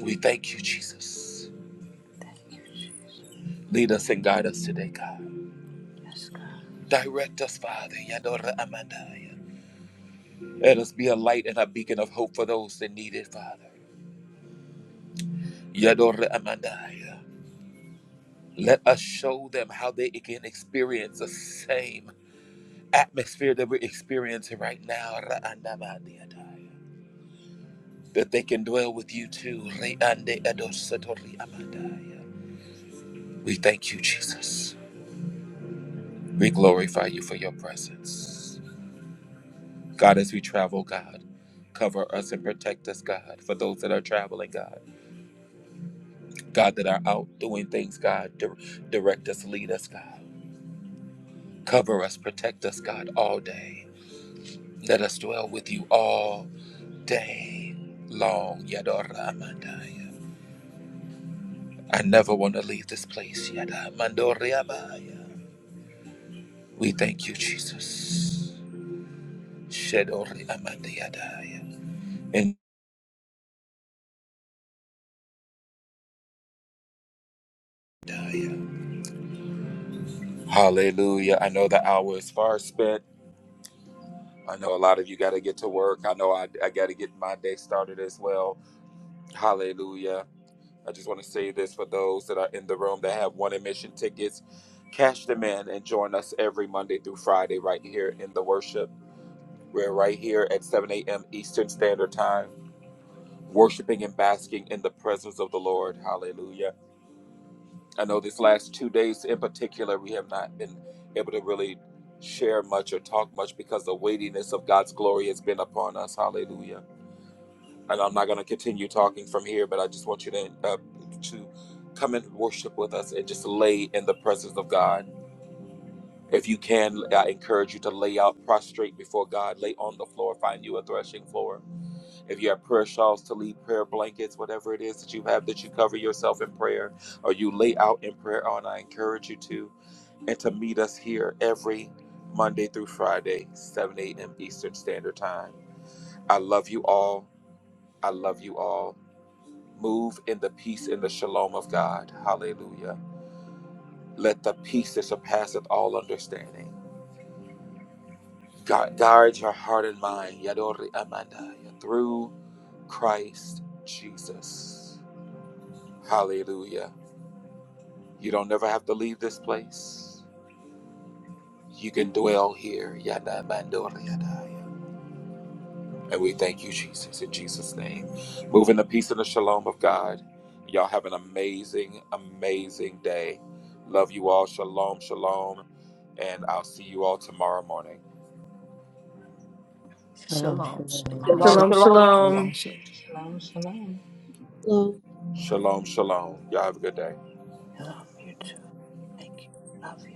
A: We thank you, Jesus. Lead us and guide us today, God. Direct us, Father. Yadore Amandai. Let us be a light and a beacon of hope for those that need it, Father. Yadore Amandai. Let us show them how they can experience the same atmosphere that we're experiencing right now. That they can dwell with you too. We thank you, Jesus. We glorify you for your presence. God, as we travel, God, cover us and protect us, God, for those that are traveling, God. God, that are out doing things, God, dir- direct us, lead us, God. Cover us, protect us, God, all day. Let us dwell with you all day long. yadoramandaya. I never want to leave this place. Yadamandoreabaya. We thank you, Jesus. Shedoriamandayadaya. And- Hallelujah. I know the hour is far spent. I know a lot of you got to get to work. I know I, I got to get my day started as well. Hallelujah. I just want to say this for those that are in the room that have one admission tickets, cash them in and join us every Monday through Friday right here in the worship. We're right here at 7 a.m. Eastern Standard Time, worshiping and basking in the presence of the Lord. Hallelujah. I know these last two days in particular, we have not been able to really share much or talk much because the weightiness of God's glory has been upon us. Hallelujah. And I'm not going to continue talking from here, but I just want you to, uh, to come and worship with us and just lay in the presence of God. If you can, I encourage you to lay out prostrate before God, lay on the floor, find you a threshing floor If you have prayer shawls to lead, prayer blankets, whatever it is that you have that you cover yourself in prayer or you lay out in prayer on, I encourage you to. And to meet us here every Monday through Friday, 7 a.m. Eastern Standard Time. I love you all. I love you all. Move in the peace and the shalom of God. Hallelujah. Let the peace that surpasseth all understanding guard, guard your heart and mind, Yadori Amanda, through Christ Jesus. Hallelujah. You don't never have to leave this place. You can dwell here. Yada mandori yada. And we thank you, Jesus, in Jesus' name. Move in the peace and the shalom of God. Y'all have an amazing, amazing day. Love you all. Shalom, shalom. And I'll see you all tomorrow morning.
H: Shalom,
D: Shalom,
G: Shall
H: shalom.
D: shalom,
F: Shalom, shalom.
D: shalom, shalom.
K: Shalom, shalom.
I: you.
A: Shalom, shalom. Y'all have a good day.
G: I you too. Thank you. Love you.